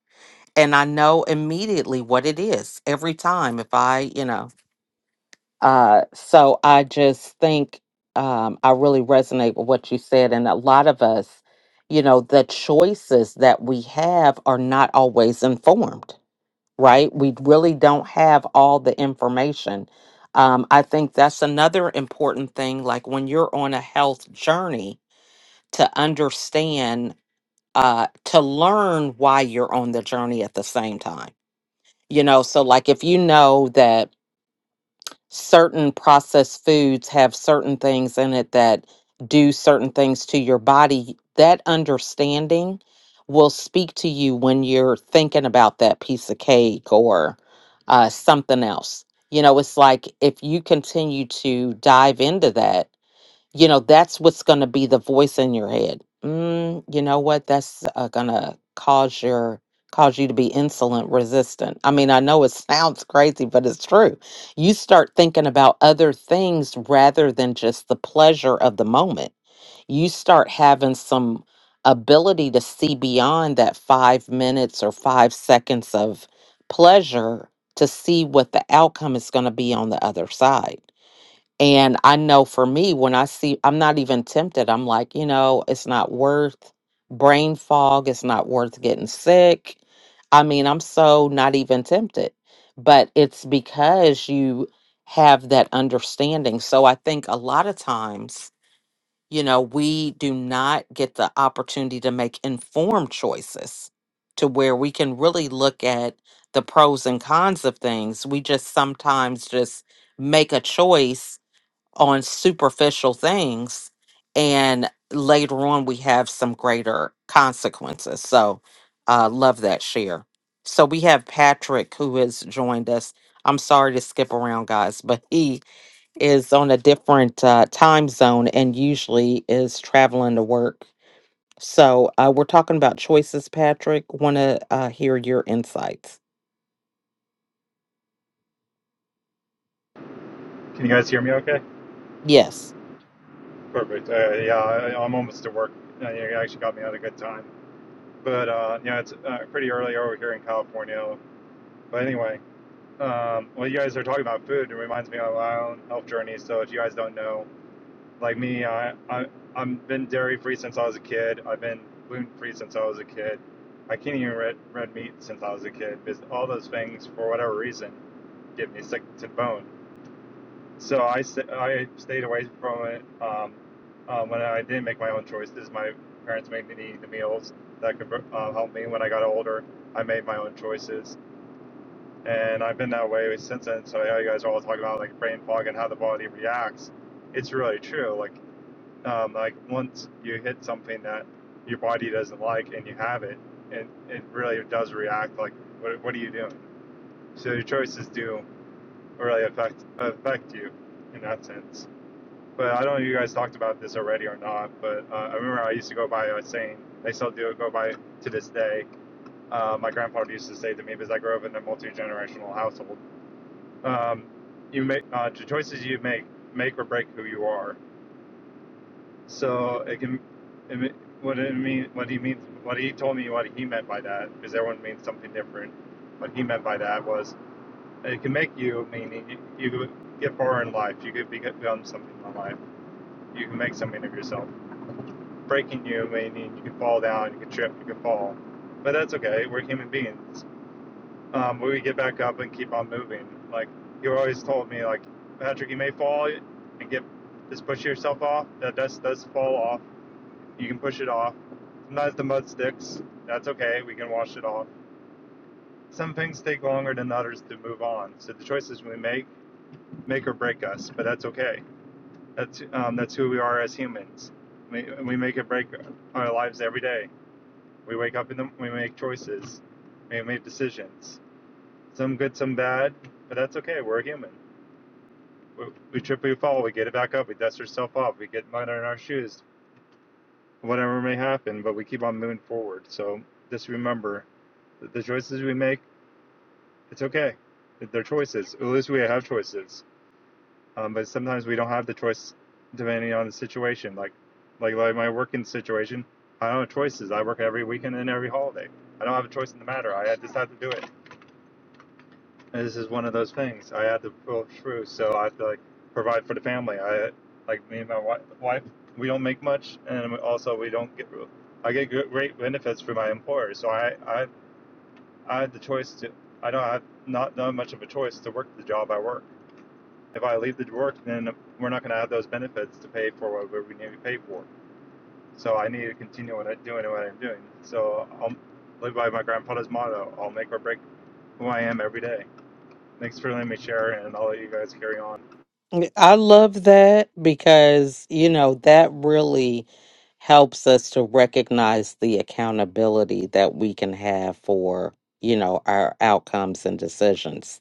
A: And I know immediately what it is every time if I, you know. Uh, so I just think um, I really resonate with what you said. And a lot of us, you know, the choices that we have are not always informed, right? We really don't have all the information. Um, I think that's another important thing. Like when you're on a health journey, to understand uh to learn why you're on the journey at the same time you know so like if you know that certain processed foods have certain things in it that do certain things to your body that understanding will speak to you when you're thinking about that piece of cake or uh something else you know it's like if you continue to dive into that you know that's what's going to be the voice in your head mm, you know what that's uh, going to cause your cause you to be insulin resistant i mean i know it sounds crazy but it's true you start thinking about other things rather than just the pleasure of the moment you start having some ability to see beyond that five minutes or five seconds of pleasure to see what the outcome is going to be on the other side and I know for me, when I see, I'm not even tempted. I'm like, you know, it's not worth brain fog. It's not worth getting sick. I mean, I'm so not even tempted. But it's because you have that understanding. So I think a lot of times, you know, we do not get the opportunity to make informed choices to where we can really look at the pros and cons of things. We just sometimes just make a choice on superficial things and later on we have some greater consequences so uh love that share so we have patrick who has joined us i'm sorry to skip around guys but he is on a different uh, time zone and usually is traveling to work so uh, we're talking about choices patrick want to uh, hear your insights
F: Can you guys hear me okay?
A: yes
F: Perfect. Uh, yeah, I, I'm almost at work. Uh, you actually got me at a good time. But uh, yeah, it's uh, pretty early over here in California. But anyway, um, well, you guys are talking about food. It reminds me of my own health journey. So if you guys don't know, like me, I, I I've been dairy free since I was a kid. I've been gluten free since I was a kid. I can't even eat red, red meat since I was a kid because all those things, for whatever reason, get me sick to the bone. So I, st- I stayed away from it. Um, um, when I didn't make my own choices, my parents made me the meals that could uh, help me. When I got older, I made my own choices, and I've been that way since then. So I know you guys are all talking about like brain fog and how the body reacts. It's really true. Like um, like once you hit something that your body doesn't like and you have it, and it it really does react. Like what, what are you doing? So your choices do really affect affect you in that sense but I don't know if you guys talked about this already or not, but uh, I remember I used to go by a saying, they still do go by to this day. Uh, my grandfather used to say to me, because I grew up in a multi generational household, um, you make uh, the choices you make make or break who you are. So it can, it, what it mean, what he means, what he told me, what he meant by that, because everyone means something different. What he meant by that was it can make you, meaning you, you get far in life, you could become something in life, you can make something of yourself breaking you, may mean you can fall down, you can trip, you can fall. But that's okay. We're human beings. Um, we get back up and keep on moving. Like you always told me, like Patrick, you may fall and get just push yourself off. That dust does fall off. You can push it off. Sometimes the mud sticks. That's okay. We can wash it off. Some things take longer than others to move on. So the choices we make make or break us. But that's okay. That's um, that's who we are as humans. We, we make or break our lives every day. We wake up in the we make choices, we make decisions. Some good, some bad, but that's okay. We're human. We, we trip, we fall, we get it back up, we dust ourselves off, we get mud on our shoes, whatever may happen, but we keep on moving forward. So just remember that the choices we make, it's okay. They're choices. At least we have choices. Um, but sometimes we don't have the choice depending on the situation. Like, like, like my working situation, I don't have choices. I work every weekend and every holiday. I don't have a choice in the matter. I just have to do it. this is one of those things I had to pull through. So I have to like provide for the family. I like me and my wi- wife. We don't make much, and also we don't get. I get gr- great benefits from my employer, so I I I had the choice to. I don't have not done much of a choice to work the job I work. If I leave the work, then we're not going to have those benefits to pay for what we need to pay for. So I need to continue what I'm doing and what I'm doing. So I'll live by my grandfather's motto: "I'll make or break who I am every day." Thanks for letting me share, and I'll let you guys carry on.
A: I love that because, you know, that really helps us to recognize the accountability that we can have for, you know, our outcomes and decisions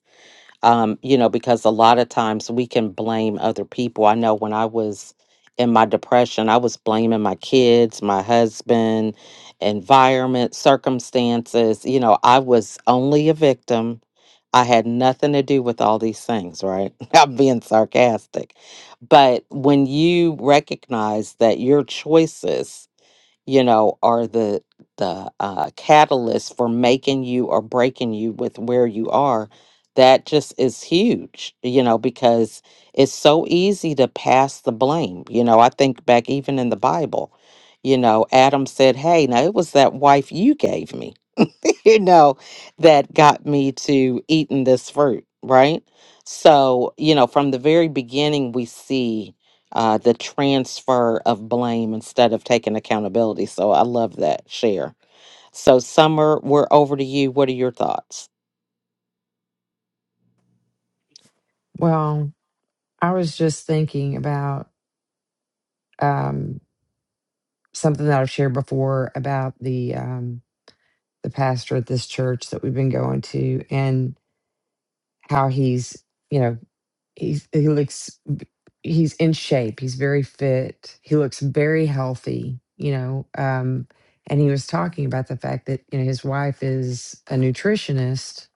A: um, you know, because a lot of times we can blame other people. I know when I was in my depression, I was blaming my kids, my husband, environment, circumstances. You know, I was only a victim. I had nothing to do with all these things, right? I'm being sarcastic. But when you recognize that your choices, you know, are the the uh, catalyst for making you or breaking you with where you are. That just is huge, you know, because it's so easy to pass the blame. You know, I think back even in the Bible, you know, Adam said, "Hey, now it was that wife you gave me." you know, that got me to eating this fruit, right? So, you know, from the very beginning, we see uh, the transfer of blame instead of taking accountability. So I love that share. So, Summer, we're over to you. What are your thoughts?
E: well i was just thinking about um, something that i've shared before about the um, the pastor at this church that we've been going to and how he's you know He's he looks he's in shape. He's very fit. He looks very healthy, you know. Um and he was talking about the fact that, you know, his wife is a nutritionist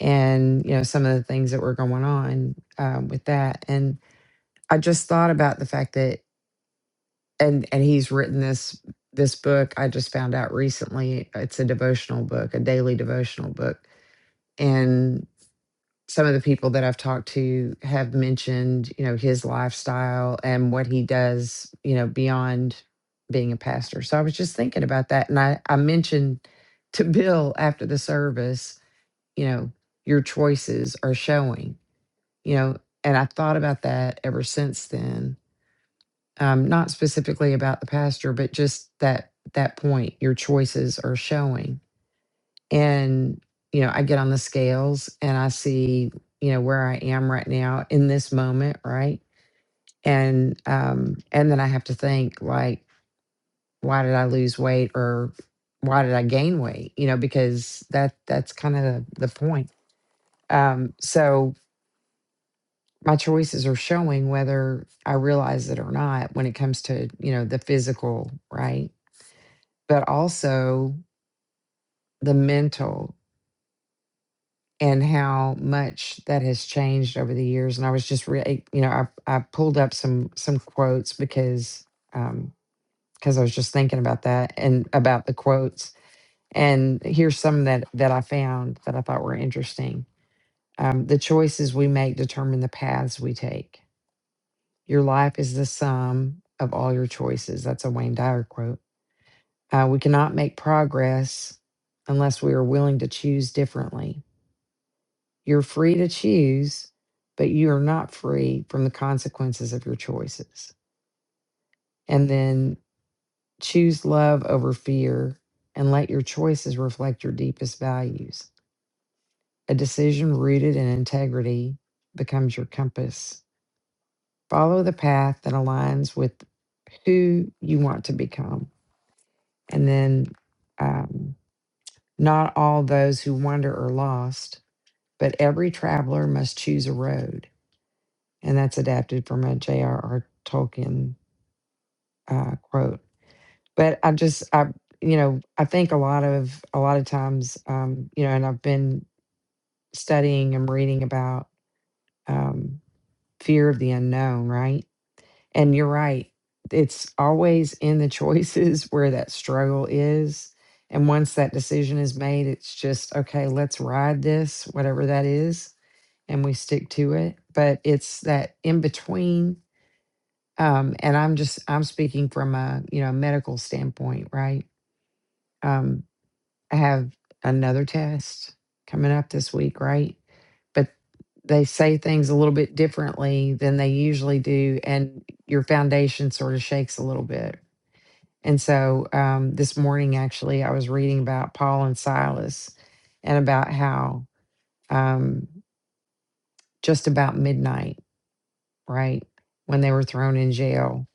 E: and, you know, some of the things that were going on um, with that. And I just thought about the fact that and and he's written this this book I just found out recently. It's a devotional book, a daily devotional book. and. some of the people that I've talked to have mentioned, you know, his lifestyle and what he does, you know, beyond being a pastor. So I was just thinking about that. And I, I mentioned to Bill after the service, you know, your choices are showing, you know, and I thought about that ever since then. Um, not specifically about the pastor, but just that that point, your choices are showing and you know i get on the scales and i see you know where i am right now in this moment right and um and then i have to think like why did i lose weight or why did i gain weight you know because that that's kind of the, the point um so my choices are showing whether i realize it or not when it comes to you know the physical right but also the mental and how much that has changed over the years. And I was just, re- eh, you know, I, I pulled up some some quotes because um, because I was just thinking about that and about the quotes. And here's some that that I found that I thought were interesting. Um, the choices we make determine the paths we take. Your life is the sum of all your choices. That's a Wayne Dyer quote. Uh, we cannot make progress unless we are willing to choose differently. You're free to choose, but you are not free from the consequences of your choices. And then choose love over fear and let your choices reflect your deepest values. A decision rooted in integrity becomes your compass. Follow the path that aligns with who you want to become. And then, um, not all those who wander are lost, but every traveler must choose a road. and that's adapted from a J.R.R. Tolkien uh, quote. But I just, I, you know, I think a lot of a lot of times, um, you know, and I've been studying and reading about um, fear of the unknown, right? And you're right; it's always in the choices where that struggle is. And once that decision is made, it's just okay. Let's ride this, whatever that is, and we stick to it. But it's that in between um and i'm just i'm speaking from a you know medical standpoint right um i have another test coming up this week right but they say things a little bit differently than they usually do and your foundation sort of shakes a little bit and so um this morning actually i was reading about paul and silas and about how um just about midnight right when they were thrown in jail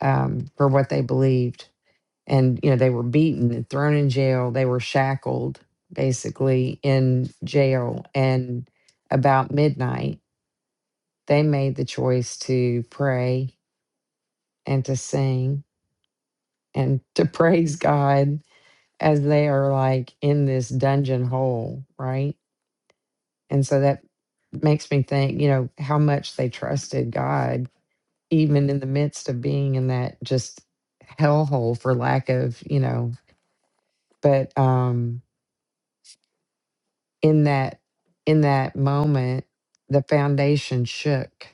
E: um for what they believed and you know they were beaten and thrown in jail they were shackled basically in jail and about midnight they made the choice to pray and to sing and to praise god as they are like in this dungeon hole right and so that makes me think you know how much they trusted god even in the midst of being in that just hellhole for lack of you know but um in that in that moment the foundation shook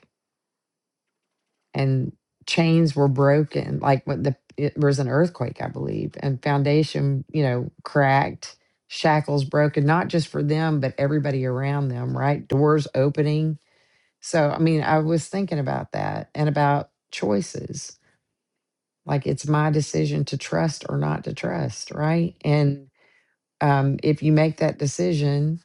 E: and chains were broken like when the it was an earthquake i believe and foundation you know cracked shackles broken not just for them but everybody around them right doors opening so i mean i was thinking about that and about choices like it's my decision to trust or not to trust right and um, if you make that decision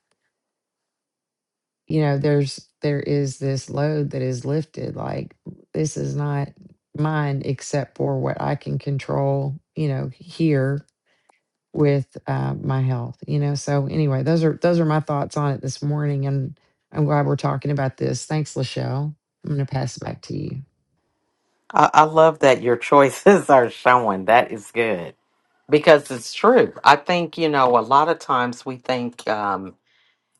E: you know, there's there is this load that is lifted. Like this is not mine except for what I can control, you know, here with uh, my health. You know, so anyway, those are those are my thoughts on it this morning, and I'm glad we're talking about this. Thanks, Lachelle. I'm going to pass it back to you.
A: I, I love that your choices are showing. That is good because it's true. I think you know a lot of times we think.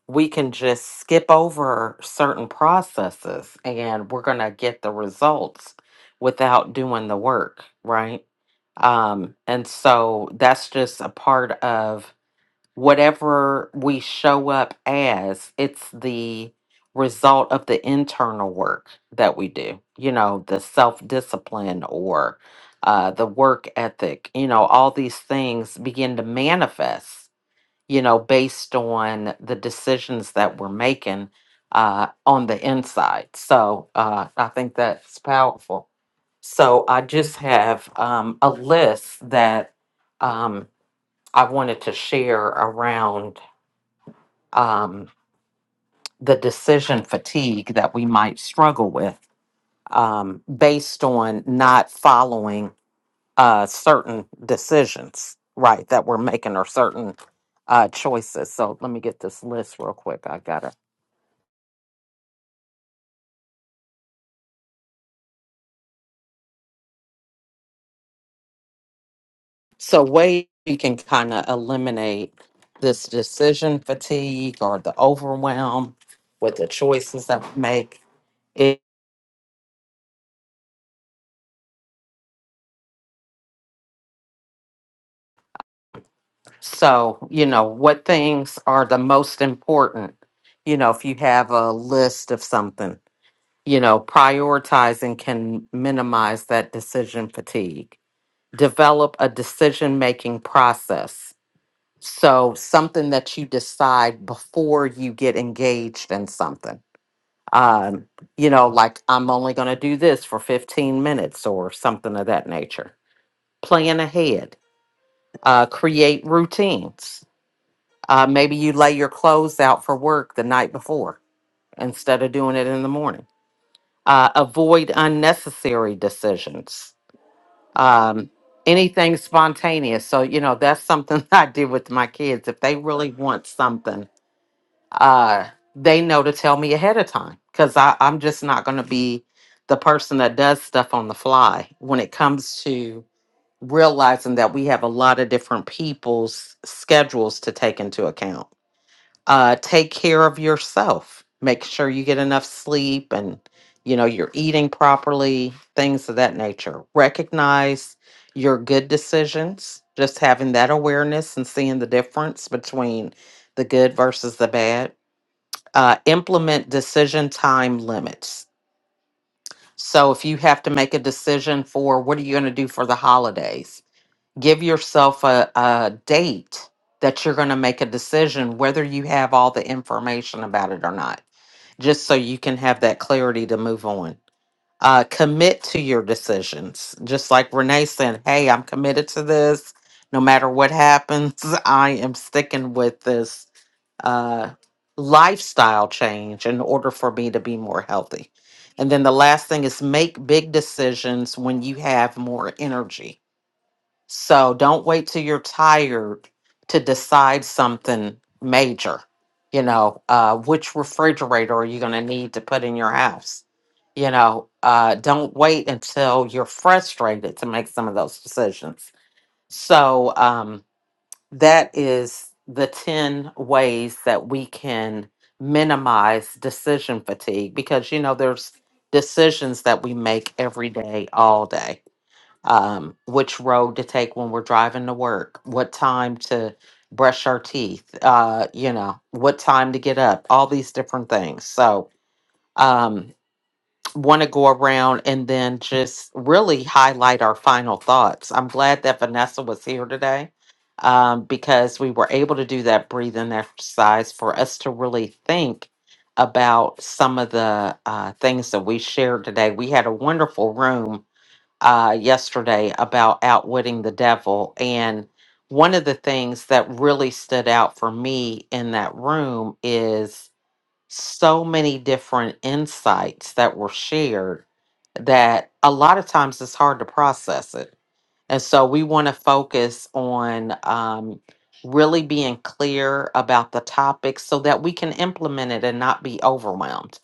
A: we can just skip over certain processes and we're going to get the results without doing the work, right? Um, and so that's just a part of whatever we show up as, it's the result of the internal work that we do, you know, the self discipline or uh, the work ethic, you know, all these things begin to manifest you know, based on the decisions that we're making uh, on the inside. So uh, I think that's powerful. So I just have um, a list that um, I wanted to share around um, the decision fatigue that we might struggle with um, based on not following uh, certain decisions, right, that we're making or certain uh, choices. So let me get this list real quick. I got to So way you can kind of eliminate this decision fatigue or the overwhelm with the choices that we make. It, so, you know, what things are the most important? You know, if you have a list of something, you know, prioritizing can minimize that decision fatigue. Develop a decision making process. So, something that you decide before you get engaged in something um, you know, like I'm only going to do this for 15 minutes or something of that nature. Plan ahead, uh, create routines. Uh, maybe you lay your clothes out for work the night before instead of doing it in the morning. Uh, avoid unnecessary decisions. Um, anything spontaneous. So, you know, that's something I did with my kids. If they really want something, uh they know to tell me ahead of time because i i'm just not going to be the person that does stuff on the fly when it comes to realizing that we have a lot of different people's schedules to take into account uh take care of yourself make sure you get enough sleep and you know you're eating properly things of that nature recognize your good decisions just having that awareness and seeing the difference between the good versus the bad uh, implement decision time limits. So if you have to make a decision for what are you going to do for the holidays, give yourself a, a date that you're going to make a decision whether you have all the information about it or not, just so you can have that clarity to move on uh, commit to your decisions. Just like Renee said, hey, I'm committed to this. No matter what happens, I am sticking with this uh, lifestyle change in order for me to be more healthy. And then the last thing is make big decisions when you have more energy so don't wait till you're tired to decide something major. You know, uh, which refrigerator are you going to need to put in your house? You know, uh, don't wait until you're frustrated to make some of those decisions. So um, that is the 10 ways that we can minimize decision fatigue because, you know, there's decisions that we make every day, all day um, which road to take when we're driving to work, what time to brush our teeth, uh, you know, what time to get up, all these different things. So, um, want to go around and then just really highlight our final thoughts. I'm glad that Vanessa was here today um, because we were able to do that breathing exercise for us to really think about some of the uh, things that we shared today. We had a wonderful room uh, yesterday about outwitting the devil. And one of the things that really stood out for me in that room is so many different insights that were shared that a lot of times it's hard to process it and so we want to focus on um, really being clear about the topic so that we can implement it and not be overwhelmed.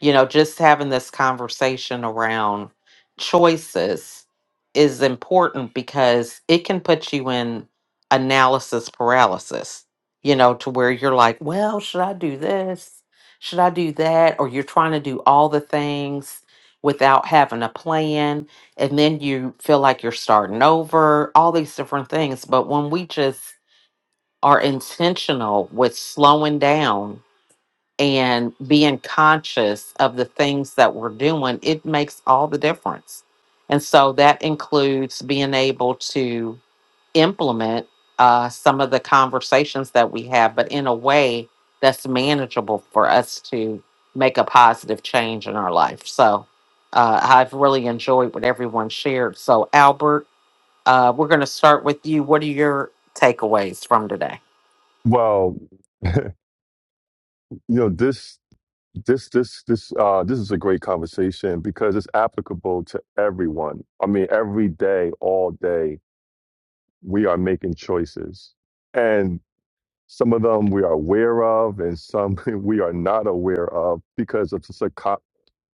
A: You know, just having this conversation around choices is important because it can put you in analysis paralysis, you know, to where you're like, well, should I do this? Should I do that? Or you're trying to do all the things without having a plan and then you feel like you're starting over, all these different things. But when we just are intentional with slowing down and being conscious of the things that we're doing, it makes all the difference. And so that includes being able to implement uh, some of the conversations that we have, but in a way that's manageable for us to make a positive change in our life. So uh, I've really enjoyed what everyone shared. So, Albert, uh, we're going to start with you. What are your takeaways from today?
B: Well, you know this this this this uh this is a great conversation because it's applicable to everyone. I mean, every day, all day, we are making choices, and. Some of them we are aware of, and some we are not aware of because of the, subco-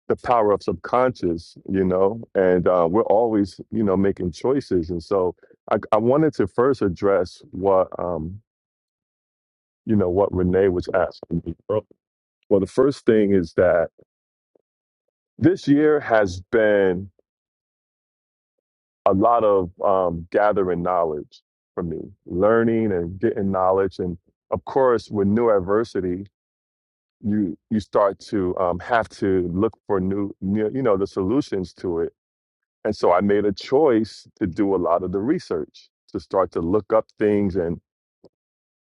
B: the power of subconscious, you know, and uh, we're always, you know, making choices. And so I, I wanted to first address what, um, you know, what Renee was asking me. earlier. Well, the first thing is that this year has been a lot of um, gathering knowledge for me, learning and getting knowledge. And of course, with new adversity. you you start to um, have to look for new, new you know the solutions to it and so i made a choice to do a lot of the research to start to look up things and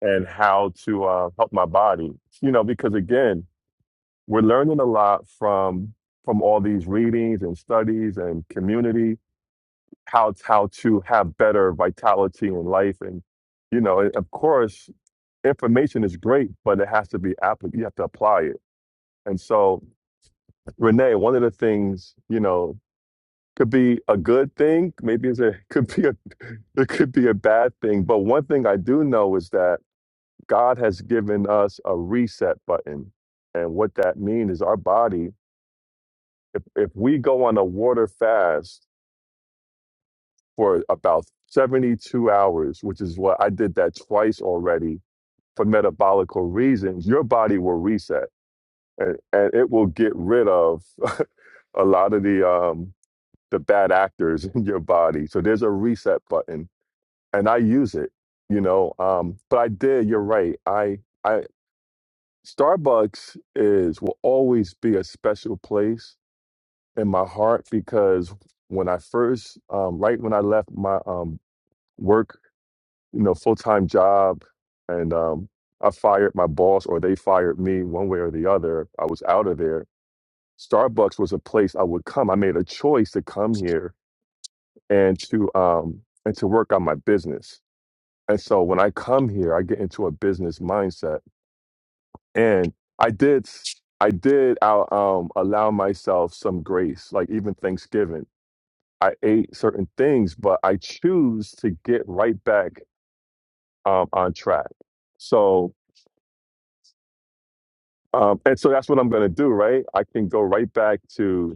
B: and how to uh, help my body you know because again we're learning a lot from from all these readings and studies and community how how to have better vitality in life and you know and of course information is great but it has to be app- you have to apply it and so Renee, one of the things, you know, could be a good thing. Maybe it's a could be a it could be a bad thing. But one thing I do know is that God has given us a reset button. And what that means is our body, if if we go on a water fast for about 72 hours, which is what I did that twice already for metabolical reasons, your body will reset and, and it will get rid of a lot of the um the bad actors in your body. So there's a reset button, and I use it, you know. Um, but I did. You're right. I I Starbucks is will always be a special place in my heart because when I first, um, right when I left my um, work, you know, full time job, and um, I fired my boss or they fired me, one way or the other. I was out of there. Starbucks was a place I would come. I made a choice to come here and to um and to work on my business. And so when I come here, I get into a business mindset. And I did s- I did out um allow myself some grace, like even Thanksgiving. I ate certain things, but I choose to get right back um on track. So um and so that's what I'm gonna do, right? I can go right back to.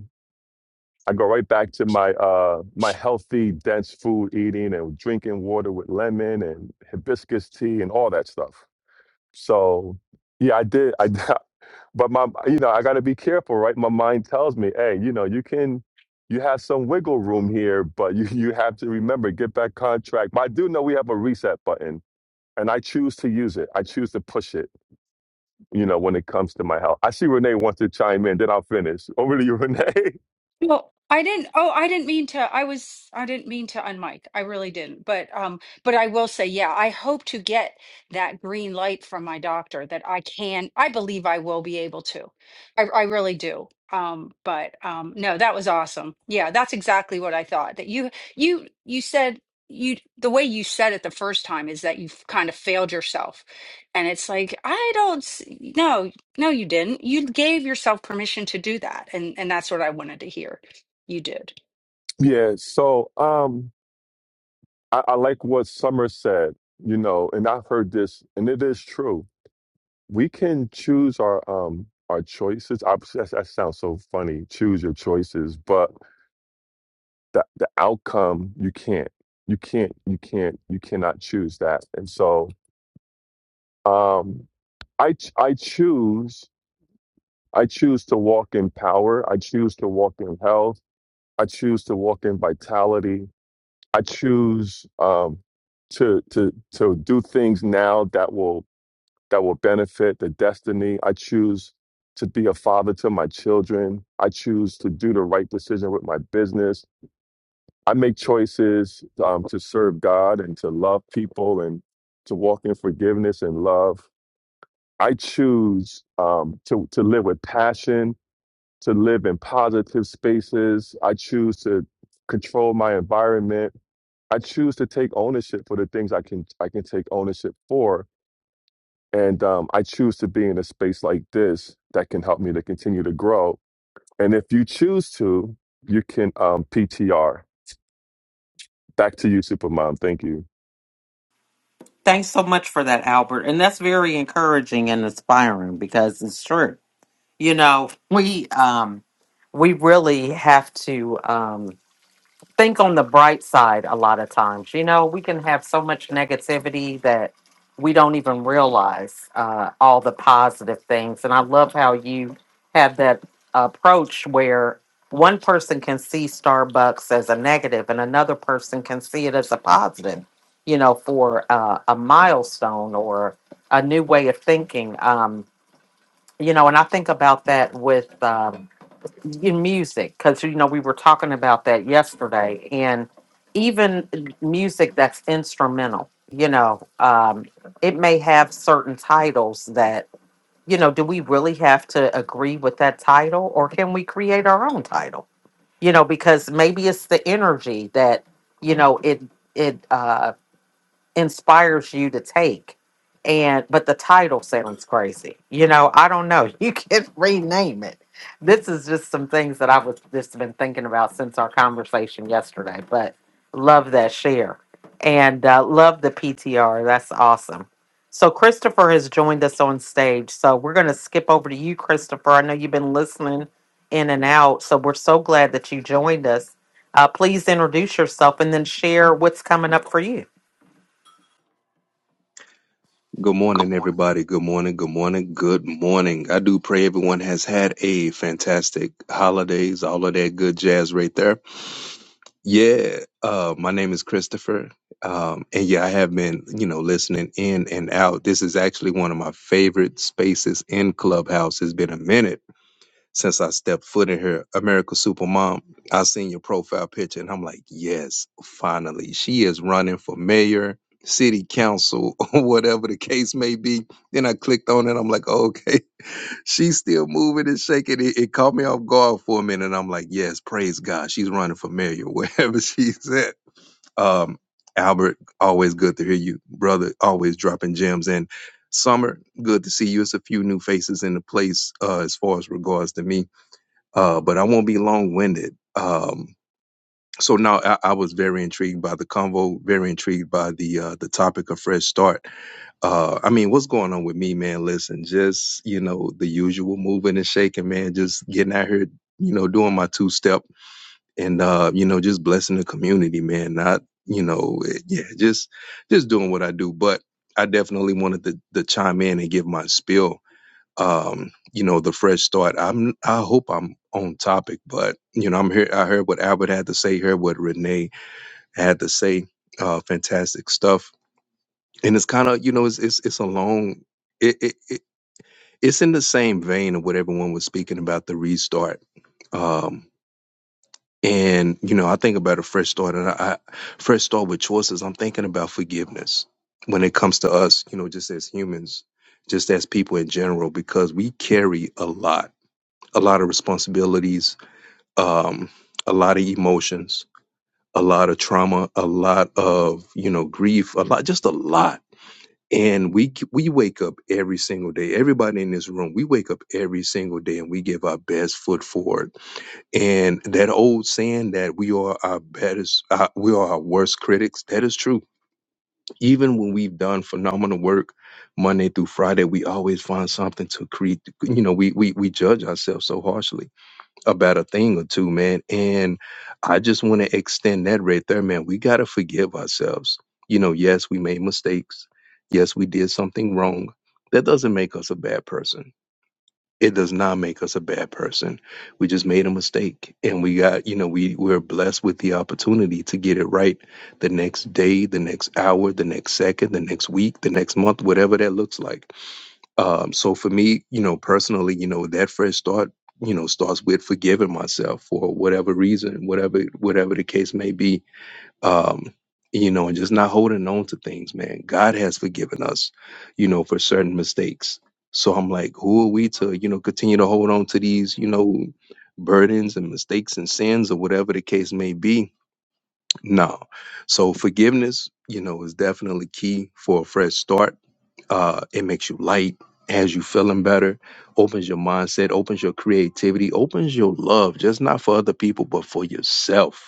B: I go right back to my uh my healthy, dense food eating and drinking water with lemon and hibiscus tea and all that stuff. So yeah, I did. I but my you know I got to be careful, right? My mind tells me, hey, you know, you can you have some wiggle room here, but you you have to remember get back contract. But I do know we have a reset button. And I choose to use it. I choose to push it, you know, when it comes to my health. I see Renee wants to chime in, then I'll finish. Over to you, Renee.
D: Well, I didn't. Oh, I didn't mean to. I was. I didn't mean to unmic. I really didn't. But um. But I will say, yeah, I hope to get that green light from my doctor that I can. I believe I will be able to. I I really do. Um. But um. No, that was awesome. Yeah, that's exactly what I thought. That you you you said you the way you said it the first time is that you have kind of failed yourself and it's like i don't s- no no, you didn't. You gave yourself permission to do that, and and that's what I wanted to hear. You did.
B: Yeah. So, um, I, I like what Summer said, you know, and I've heard this, and it is true. We can choose our um our choices. I, that, that sounds so funny. Choose your choices, but the the outcome you can't, you can't, you can't, you cannot choose that. And so, um, I ch- I choose I choose to walk in power. I choose to walk in health. I choose to walk in vitality. I choose um, to to to do things now that will that will benefit the destiny. I choose to be a father to my children. I choose to do the right decision with my business. I make choices um, to serve God and to love people and to walk in forgiveness and love. I choose um, to, to live with passion, to live in positive spaces. I choose to control my environment. I choose to take ownership for the things I can I can take ownership for and um, I choose to be in a space like this that can help me to continue to grow. And if you choose to, you can um, PTR. Back to you, Supermom. Thank you.
A: Thanks so much for that, Albert. And that's very encouraging and inspiring because it's true. You know, we um, we really have to. Um, think on the bright side a lot of times. You know, we can have so much negativity that we don't even realize uh, all the positive things. And I love how you have that approach where one person can see Starbucks as a negative and another person can see it as a positive, you know, for uh, a milestone or a new way of thinking. Um, you know, and I think about that with. Um, in music because you know we were talking about that yesterday and even music that's instrumental you know um it may have certain titles that you know do we really have to agree with that title or can we create our own title you know because maybe it's the energy that you know it it uh inspires you to take and but the title sounds crazy you know i don't know you can rename it this is just some things that i was just been thinking about since our conversation yesterday but love that share and uh, love the ptr that's awesome so christopher has joined us on stage so we're going to skip over to you christopher i know you've been listening in and out so we're so glad that you joined us uh, please introduce yourself and then share what's coming up for you
G: Good morning, everybody. Good morning. Good morning. Good morning. I do pray everyone has had a fantastic holidays, all of that good jazz right there. Yeah. Uh, my name is Christopher. Um, and yeah, I have been, you know, listening in and out. This is actually one of my favorite spaces in Clubhouse. It's been a minute since I stepped foot in here, America Supermom, I seen your profile picture and I'm like, yes, finally. She is running for mayor, city council, or whatever the case may be. Then I clicked on it. I'm like, okay, she's still moving and shaking. It, it caught me off guard for a minute. And I'm like, yes, praise God. She's running for mayor wherever she's at. Um, Albert, always good to hear you, brother, always dropping gems. And Summer, good to see you. It's a few new faces in the place uh, as far as regards to me uh, but I won't be long winded. Um, so now I, I was very intrigued by the convo, very intrigued by the uh, the topic of fresh start. Uh, I mean, what's going on with me, man? Listen, just you know the usual moving and shaking, man. Just getting out here, you know, doing my two step, and uh, you know, just blessing the community, man. Not you know, eh, yeah, just just doing what I do. But I definitely wanted to, to chime in and give my spiel um, you know, the fresh start. I'm I hope I'm on topic, but you know, I'm here I heard what Albert had to say, heard what Renee had to say. Uh fantastic stuff. And it's kind of, you know, it's it's it's a long it, it it it's in the same vein of what everyone was speaking about the restart. Um and you know, I think about a fresh start and I, I fresh start with choices, I'm thinking about forgiveness when it comes to us, you know, just as humans, just as people in general, because we carry a lot a lot of responsibilities, um, a lot of emotions, a lot of trauma, a lot of you know grief, a lot, just a lot. And we we wake up every single day. Everybody in this room, we wake up every single day, and we give our best foot forward. And that old saying that we are our best, uh, we are our worst critics. That is true. Even when we've done phenomenal work, Monday through Friday, we always find something to create. You know, we we we judge ourselves so harshly about a thing or two, man. And I just want to extend that right there, man. We got to forgive ourselves. You know, yes, we made mistakes. Yes, we did something wrong. That doesn't make us a bad person. It does not make us a bad person. We just made a mistake and we got, you know, we, we're blessed with the opportunity to get it right the next day, the next hour, the next second, the next week, the next month, whatever that looks like um, so for me, you know, personally, you know, that fresh start, you know, starts with forgiving myself for whatever reason, whatever whatever the case may be. Um, you know, and just not holding on to things, man. God has forgiven us, you know, for certain mistakes. So I'm like, who are we to, you know, continue to hold on to these, you know, burdens and mistakes and sins or whatever the case may be? No. So forgiveness, you know, is definitely key for a fresh start. Uh, it makes you light, has you feeling better, opens your mindset, opens your creativity, opens your love, just not for other people, but for yourself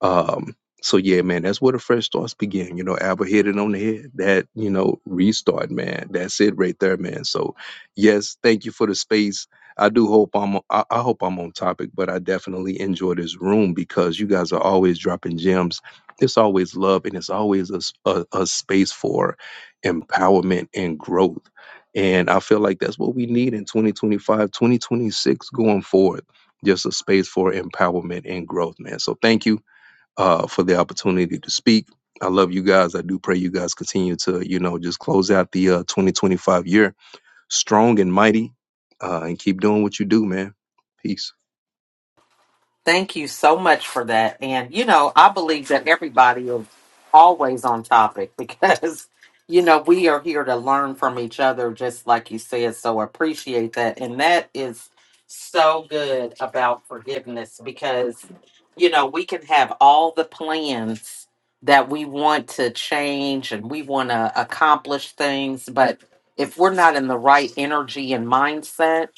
G: um, so yeah, man, that's where the fresh starts begin. You know, Albert hit it on the head. That, you know, restart, man. That's it right there, man. So yes, thank you for the space. I do hope I'm I, I hope I'm on topic, but I definitely enjoy this room because you guys are always dropping gems. It's always love and it's always a, s- a- a space for empowerment and growth. And I feel like that's what we need in 2025, 2026 going forward. Just a space for empowerment and growth, man. So thank you uh, for the opportunity to speak. I love you guys. I do pray you guys continue to, you know, just close out the uh, 2025 year strong and mighty uh, and keep doing what you do, man. Peace.
A: Thank you so much for that. And, you know, I believe that everybody is always on topic because, you know, we are here to learn from each other, just like you said. So appreciate that. And that is so good about forgiveness because, you know, we can have all the plans that we want to change and we want to accomplish things. But if we're not in the right energy and mindset,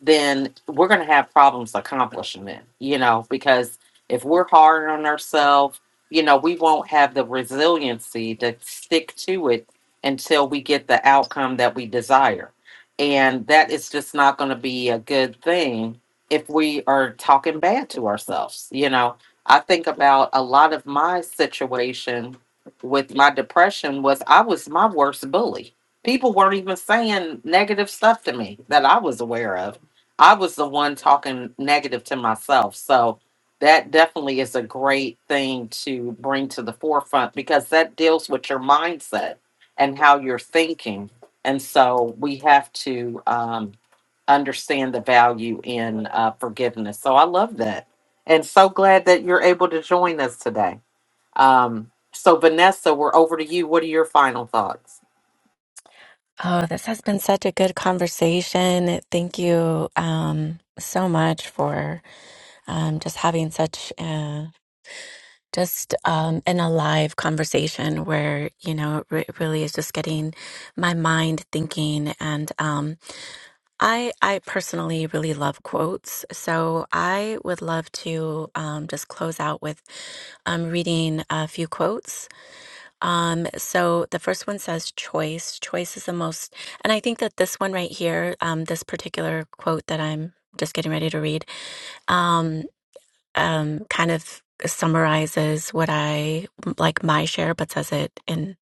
A: then we're going to have problems accomplishing it, you know, because if we're hard on ourselves, you know, we won't have the resiliency to stick to it until we get the outcome that we desire. And that is just not going to be a good thing if we are talking bad to ourselves, you know. I think about a lot of my situation with my depression was I was my worst bully. People weren't even saying negative stuff to me that I was aware of I was the one talking negative to myself. So that definitely is a great thing to bring to the forefront because that deals with your mindset and how you're thinking. And so we have to um, understand the value in uh, forgiveness. So I love that. And so glad that you're able to join us today. Um, so, Vanessa, we're over to you. What are your final thoughts?
C: Oh, this has been such a good conversation. Thank you um, so much for um, just having such uh, just um, an alive conversation where, you know, it re- really is just getting my mind thinking. And um, I, I personally really love quotes. So I would love to um, just close out with um, reading a few quotes um, so the first one says choice. Choice is the most, and I think that this one right here, um, this particular quote that I'm just getting ready to read, um, um, kind of summarizes what I like my share, but says it in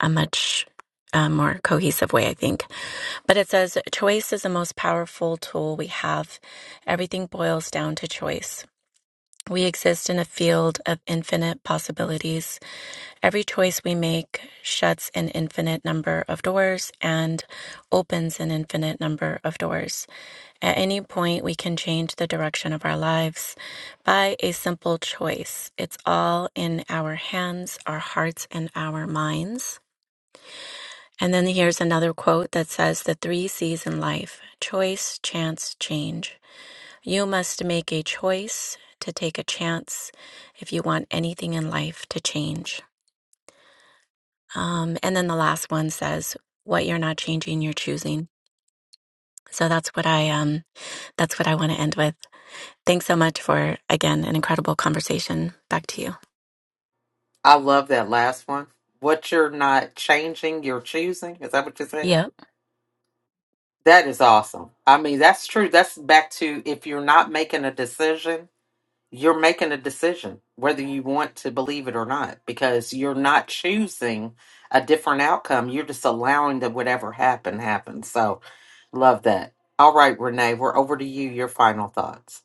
C: a much uh, more cohesive way, I think. But it says choice is the most powerful tool we have. Everything boils down to choice. We exist in a field of infinite possibilities Every choice we make shuts an infinite number of doors and opens an infinite number of doors. At any point, we can change the direction of our lives by a simple choice. It's all in our hands, our hearts, and our minds. And then here's another quote that says the three C's in life choice, chance, change. You must make a choice to take a chance if you want anything in life to change. Um, and then the last one says, "What you're not changing, you're choosing." So that's what I um, that's what I want to end with. Thanks so much for again an incredible conversation. Back to you.
A: I love that last one. What you're not changing, you're choosing. Is that what you said?
C: Yep.
A: That is awesome. I mean, that's true. That's back to if you're not making a decision, you're making a decision whether you want to believe it or not because you're not choosing a different outcome. You're just allowing that whatever happened happen. So, love that. All right, Renee, we're over to you. Your final thoughts.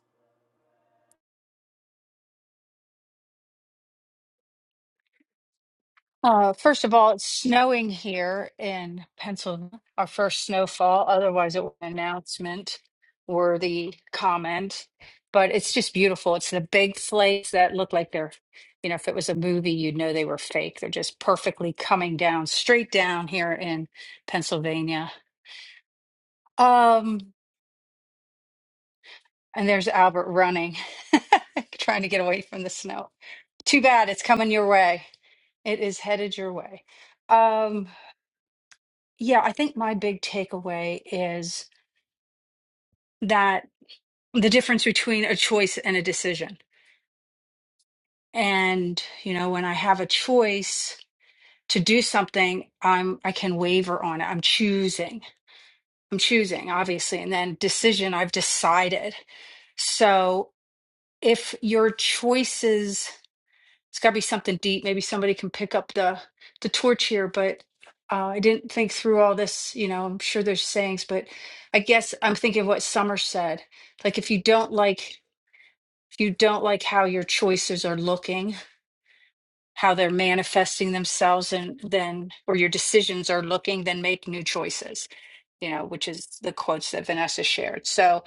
D: Uh, first of all, it's snowing here in Pennsylvania, our first snowfall. Otherwise, it was an announcement worthy comment. But it's just beautiful. It's the big flakes that look like they're, you know, if it was a movie, you'd know they were fake. They're just perfectly coming down, straight down here in Pennsylvania. Um, And there's Albert running, trying to get away from the snow. Too bad it's coming your way. It is headed your way. Um, yeah, I think my big takeaway is that the difference between a choice and a decision. And, you know, when I have a choice to do something, I'm I can waver on it. I'm choosing. I'm choosing, obviously. And then decision, I've decided. So if your choices it's got to be something deep. Maybe somebody can pick up the the torch here, but uh, I didn't think through all this. You know, I'm sure there's sayings, but I guess I'm thinking what Summer said. Like, if you don't like, if you don't like how your choices are looking, how they're manifesting themselves, and then or your decisions are looking, then make new choices. You know, which is the quotes that Vanessa shared. So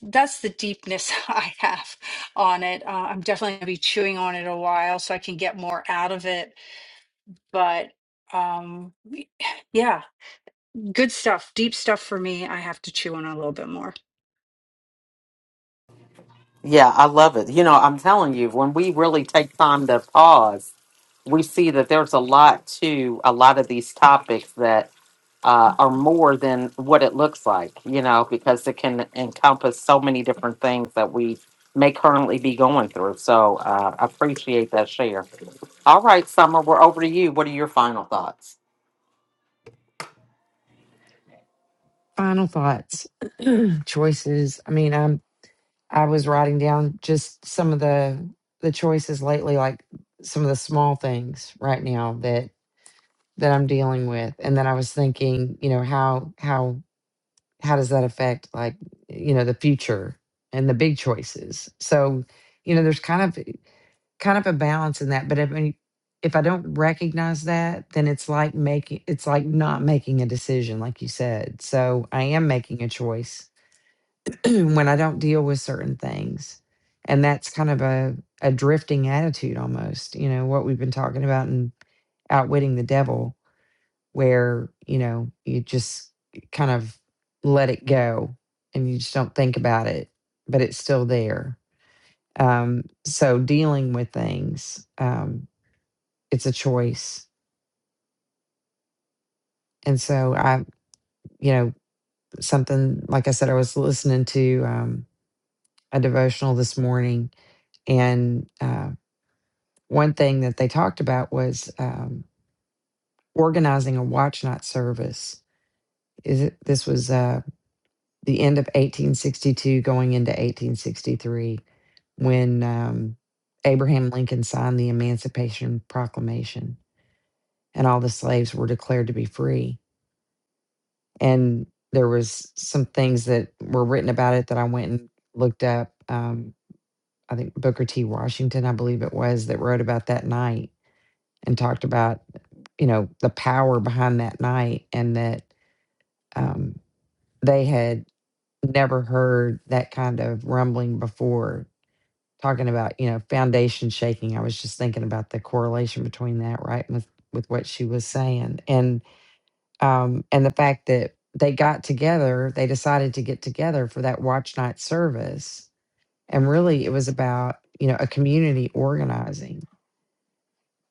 D: that's the deepness I have on it. Uh, I'm definitely gonna be chewing on it a while, so I can get more out of it but um y- yeah good stuff deep stuff for me i have to chew on a little bit more
A: Yeah, I love it. You know, I'm telling you, when we really take time to pause, we see that there's a lot to a lot of these topics that uh, are more than what it looks like, you know, because it can encompass so many different things that we may currently be going through. So uh, I appreciate that share. All right, Summer, we're over to you. What are your final thoughts?
E: Final thoughts, choices. I mean, I'm I was writing down just some of the the choices lately, like some of the small things right now that that I'm dealing with, and then I was thinking, you know, how how how does that affect like you know the future and the big choices? So, you know, there's kind of kind of a balance in that, but if I If I don't recognize that, then it's like making it's like not making a decision, like you said. So I am making a choice when I don't deal with certain things. And that's kind of a, a drifting attitude almost, you know, what we've been talking about in outwitting the devil, where, you know, you just kind of let it go and you just don't think about it, but it's still there. Um, so dealing with things, um, it's a choice. And so I, you know, something like I said, I was listening to um, a devotional this morning and uh, one thing that they talked about was um, organizing a watch night service. Is it, this was uh, the end of 1862, going into 1863, when um, Abraham Lincoln signed the Emancipation Proclamation, and all the slaves were declared to be free. And there was some things that were written about it that I went and looked up. Um, I think Booker T. Washington, I believe it was, that wrote about that night and talked about you know the power behind that night and that um, they had never heard that kind of rumbling before talking about you know foundation shaking i was just thinking about the correlation between that right with with what she was saying and um and the fact that they got together they decided to get together for that watch night service and really it was about you know a community organizing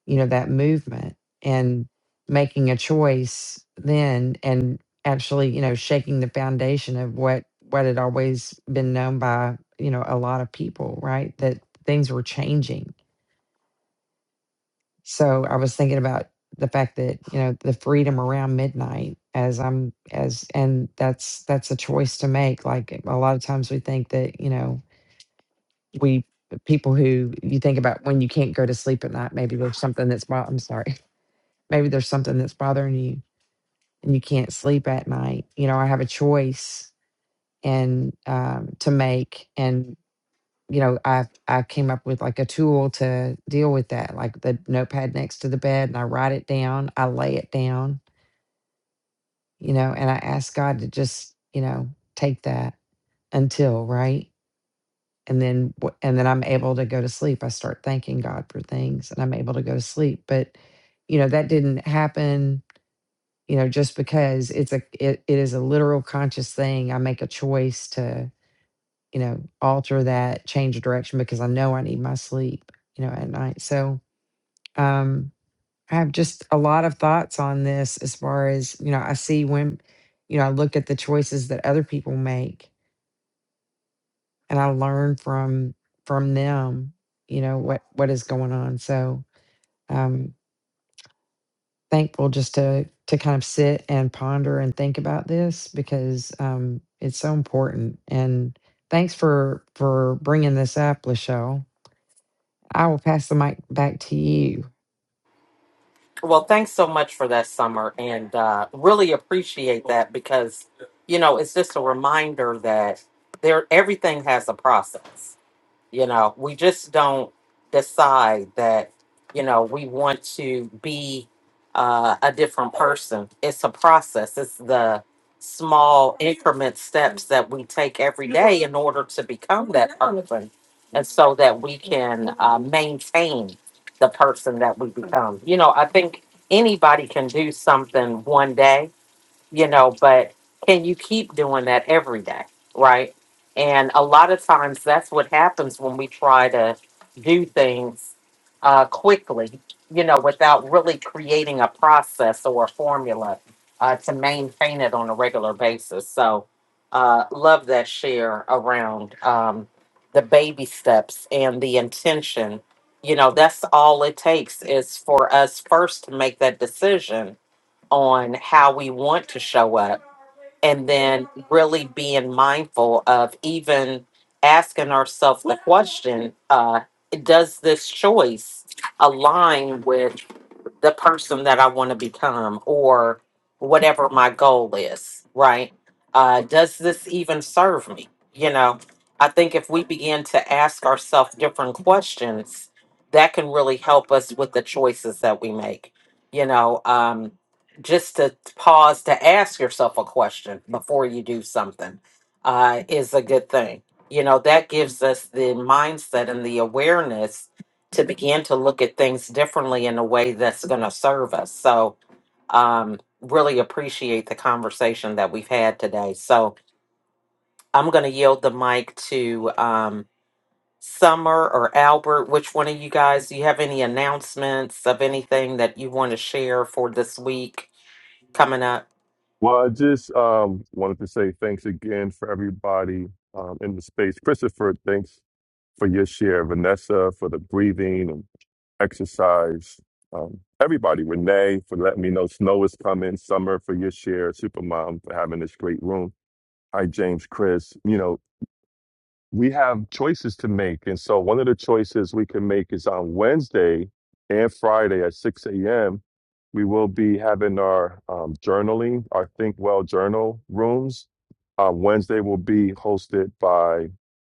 E: you know, that movement and making a choice then and actually, you know, shaking the foundation of what what had always been known by, you know, a lot of people, right? That things were changing. So I was thinking about the fact that, you know, the freedom around midnight as I'm as and that's that's a choice to make. Like a lot of times we think that, you know, we people who you think about when you can't go to sleep at night, maybe there's something that's wrong. I'm sorry Maybe there's something that's bothering you and you can't sleep at night. You know, I have a choice and um, to make, and you know, I I came up with like a tool to deal with that, like the notepad next to the bed, and I write it down, I lay it down, you know, and I ask God to just you know take that until right and then wh- and then I'm able to go to sleep. I start thanking God for things and I'm able to go to sleep. But you know, that didn't happen you know just because it's a it, it is a literal conscious thing i make a choice to you know alter that change the direction because i know i need my sleep you know at night so um i have just a lot of thoughts on this as far as you know i see when you know i look at the choices that other people make and i learn from from them you know what what is going on so um thankful just to to kind of sit and ponder and think about this because um, it's so important. And thanks for for bringing this up, Lachelle. I will pass the mic back to you.
A: Well, thanks so much for that, Summer, and uh, really appreciate that because you know it's just a reminder that there everything has a process You know, we just don't decide that, you know, we want to be uh, a different person. It's a process, it's the small increment steps that we take every day in order to become that person. And so that we can uh, maintain the person that we become. You know, I think anybody can do something one day you know, but can you keep doing that every day? Right. And a lot of times that's what happens when we try to do things uh, quickly, you know, without really creating a process or a formula uh, to maintain it on a regular basis. So, uh, love that share around um, the baby steps and the intention. You know, that's all it takes is for us first to make that decision on how we want to show up and then really being mindful of even asking ourselves the question uh, does this choice align with the person that I want to become or whatever my goal is, right? Uh, does this even serve me? You know, I think if we begin to ask ourselves different questions, that can really help us with the choices that we make. You know, um, just to pause to ask yourself a question before you do something uh, is a good thing. You know, that gives us the mindset and the awareness to begin to look at things differently in a way that's going to serve us. So, um, really appreciate the conversation that we've had today. So, I'm going to yield the mic to um, Summer or Albert. Which one of you guys do you have any announcements of anything that you want to share for this week coming up?
B: Well, I just um, wanted to say thanks again for everybody um, in the space. Christopher, thanks for your share. Vanessa, for the breathing and exercise. Um, everybody, Renee, for letting me know snow is coming. Summer, for your share. Supermom, for having this great room. Hi, James, Chris. You know, we have choices to make. And so one of the choices we can make is on Wednesday and Friday at 6 a.m. We will be having our um, journaling, our Think Well journal rooms. Uh, Wednesday will be hosted by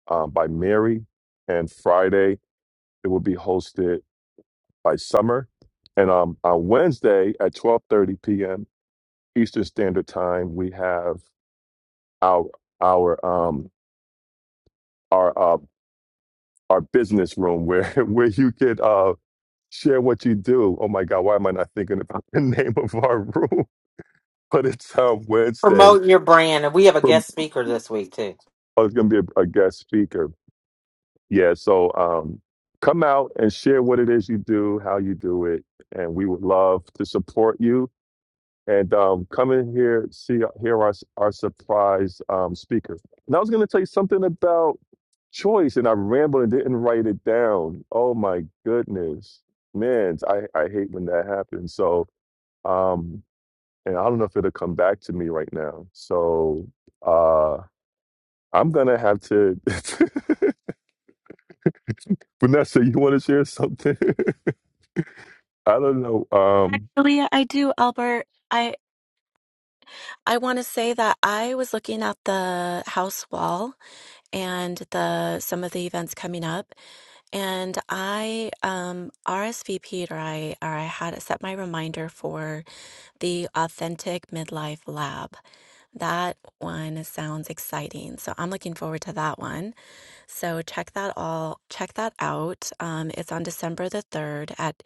B: um, by Mary, and Friday it will be hosted by Summer. And um, on Wednesday at 12:30 p.m. Eastern Standard Time, we have our our um, our uh, our business room where where you could uh share what you do. Oh my God, why am I not thinking about the name of our room? But it's uh, Wednesday.
A: Promoting your brand, and we have a
B: From
A: guest speaker this week too.
B: I was going to be a, a guest speaker. Yeah, so um, come out and share what it is you do, how you do it, and we would love to support you and um, come in here, see, hear our our surprise um, speaker. And I was going to tell you something about choice, and I rambled and didn't write it down. Oh my goodness, man! I I hate when that happens. So, um, and I don't know if it'll come back to me right now. So, uh, I'm gonna have to. Vanessa, you want to share something? I don't know. Um,
C: Actually, I do, Albert. I I want to say that I was looking at the house wall and the some of the events coming up, and I um RSVP'd or I or I had set my reminder for The Authentic Midlife Lab. That one sounds exciting. So I'm looking forward to that one. So check that all check that out. Um, it's on December the 3rd at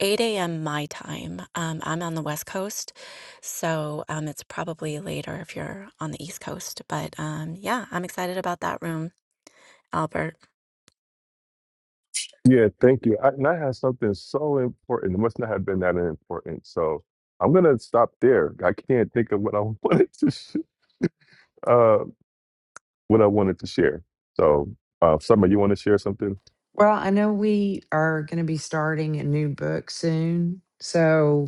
C: 8 a.m. my time. Um, I'm on the West Coast, so um, it's probably later if you're on the East Coast. But um, yeah, I'm excited about that room, Albert.
B: Yeah, thank you. I, and I had something so important. It must not have been that important. So I'm gonna stop there. I can't think of what I wanted to sh- uh what I wanted to share. So uh, Summer, you want to share something?
E: Well, I know we are going to be starting a new book soon. So,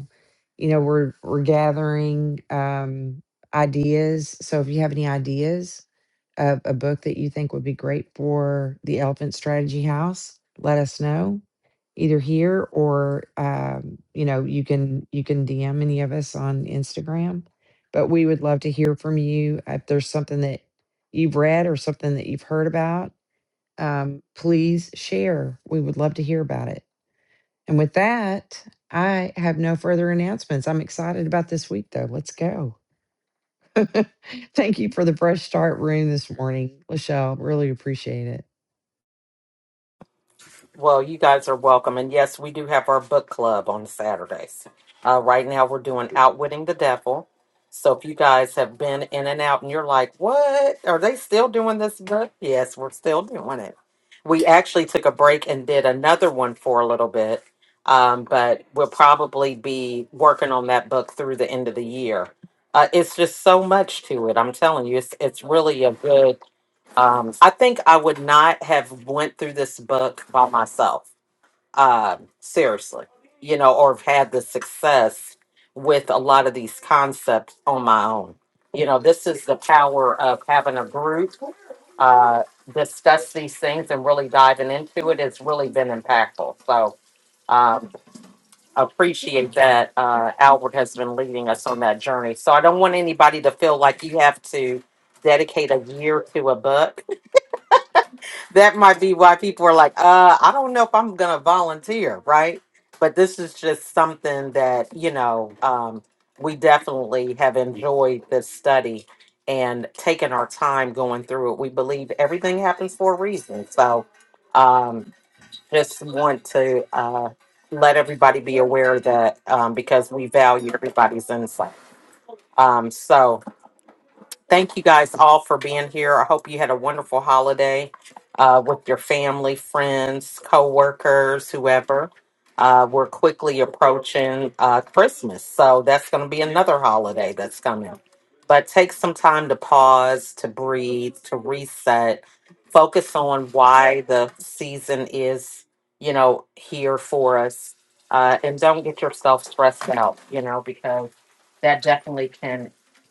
E: you know, we're we're gathering um ideas. So if you have any ideas of a book that you think would be great for the Elephant Strategy House, let us know either here or um, you know, you can you can DM any of us on Instagram. But we would love to hear from you if there's something that you've read or something that you've heard about um, please share. We would love to hear about it. And with that, I have no further announcements. I'm excited about this week, though. Let's go. Thank you for the fresh start room this morning, Lachelle. Really appreciate it.
A: Well, you guys are welcome. And yes, we do have our book club on Saturdays. Uh, right now, we're doing Outwitting the Devil. So if you guys have been in and out and you're like, what? Are they still doing this book? Yes, we're still doing it. We actually took a break and did another one for a little bit. Um, but we'll probably be working on that book through the end of the year. Uh, it's just so much to it. I'm telling you, it's, it's really a good um, I think I would not have went through this book by myself. Um, seriously, you know, or have had the success with a lot of these concepts on my own. You know, this is the power of having a group uh, discuss these things and really diving into it. It's really been impactful. So um, appreciate that uh, Albert has been leading us on that journey. So I don't want anybody to feel like you have to dedicate a year to a book that might be why people are like, uh, I don't know if I'm gonna volunteer, right? But this is just something that, you know, um, we definitely have enjoyed this study and taken our time going through it. We believe everything happens for a reason. So um just want to uh let everybody be aware that um because we value everybody's insight. Um so Thank you guys all for being here. I hope you had a wonderful holiday uh, with your family, friends, coworkers, whoever. Uh, we're quickly approaching uh, Christmas, so that's going to be another holiday that's coming. But take some time to pause, to breathe, to reset, focus on why the season is, you know, here for us, uh, and don't get yourself stressed out, you know, because that definitely can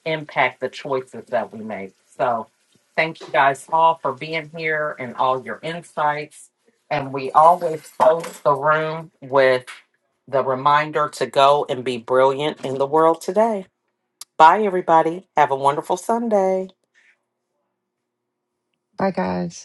A: impact the choices that we make. So thank you guys all for being here and all your insights. And we always close the room with the reminder to go and be brilliant in the world today. Bye, everybody. Have a wonderful Sunday.
E: Bye, guys.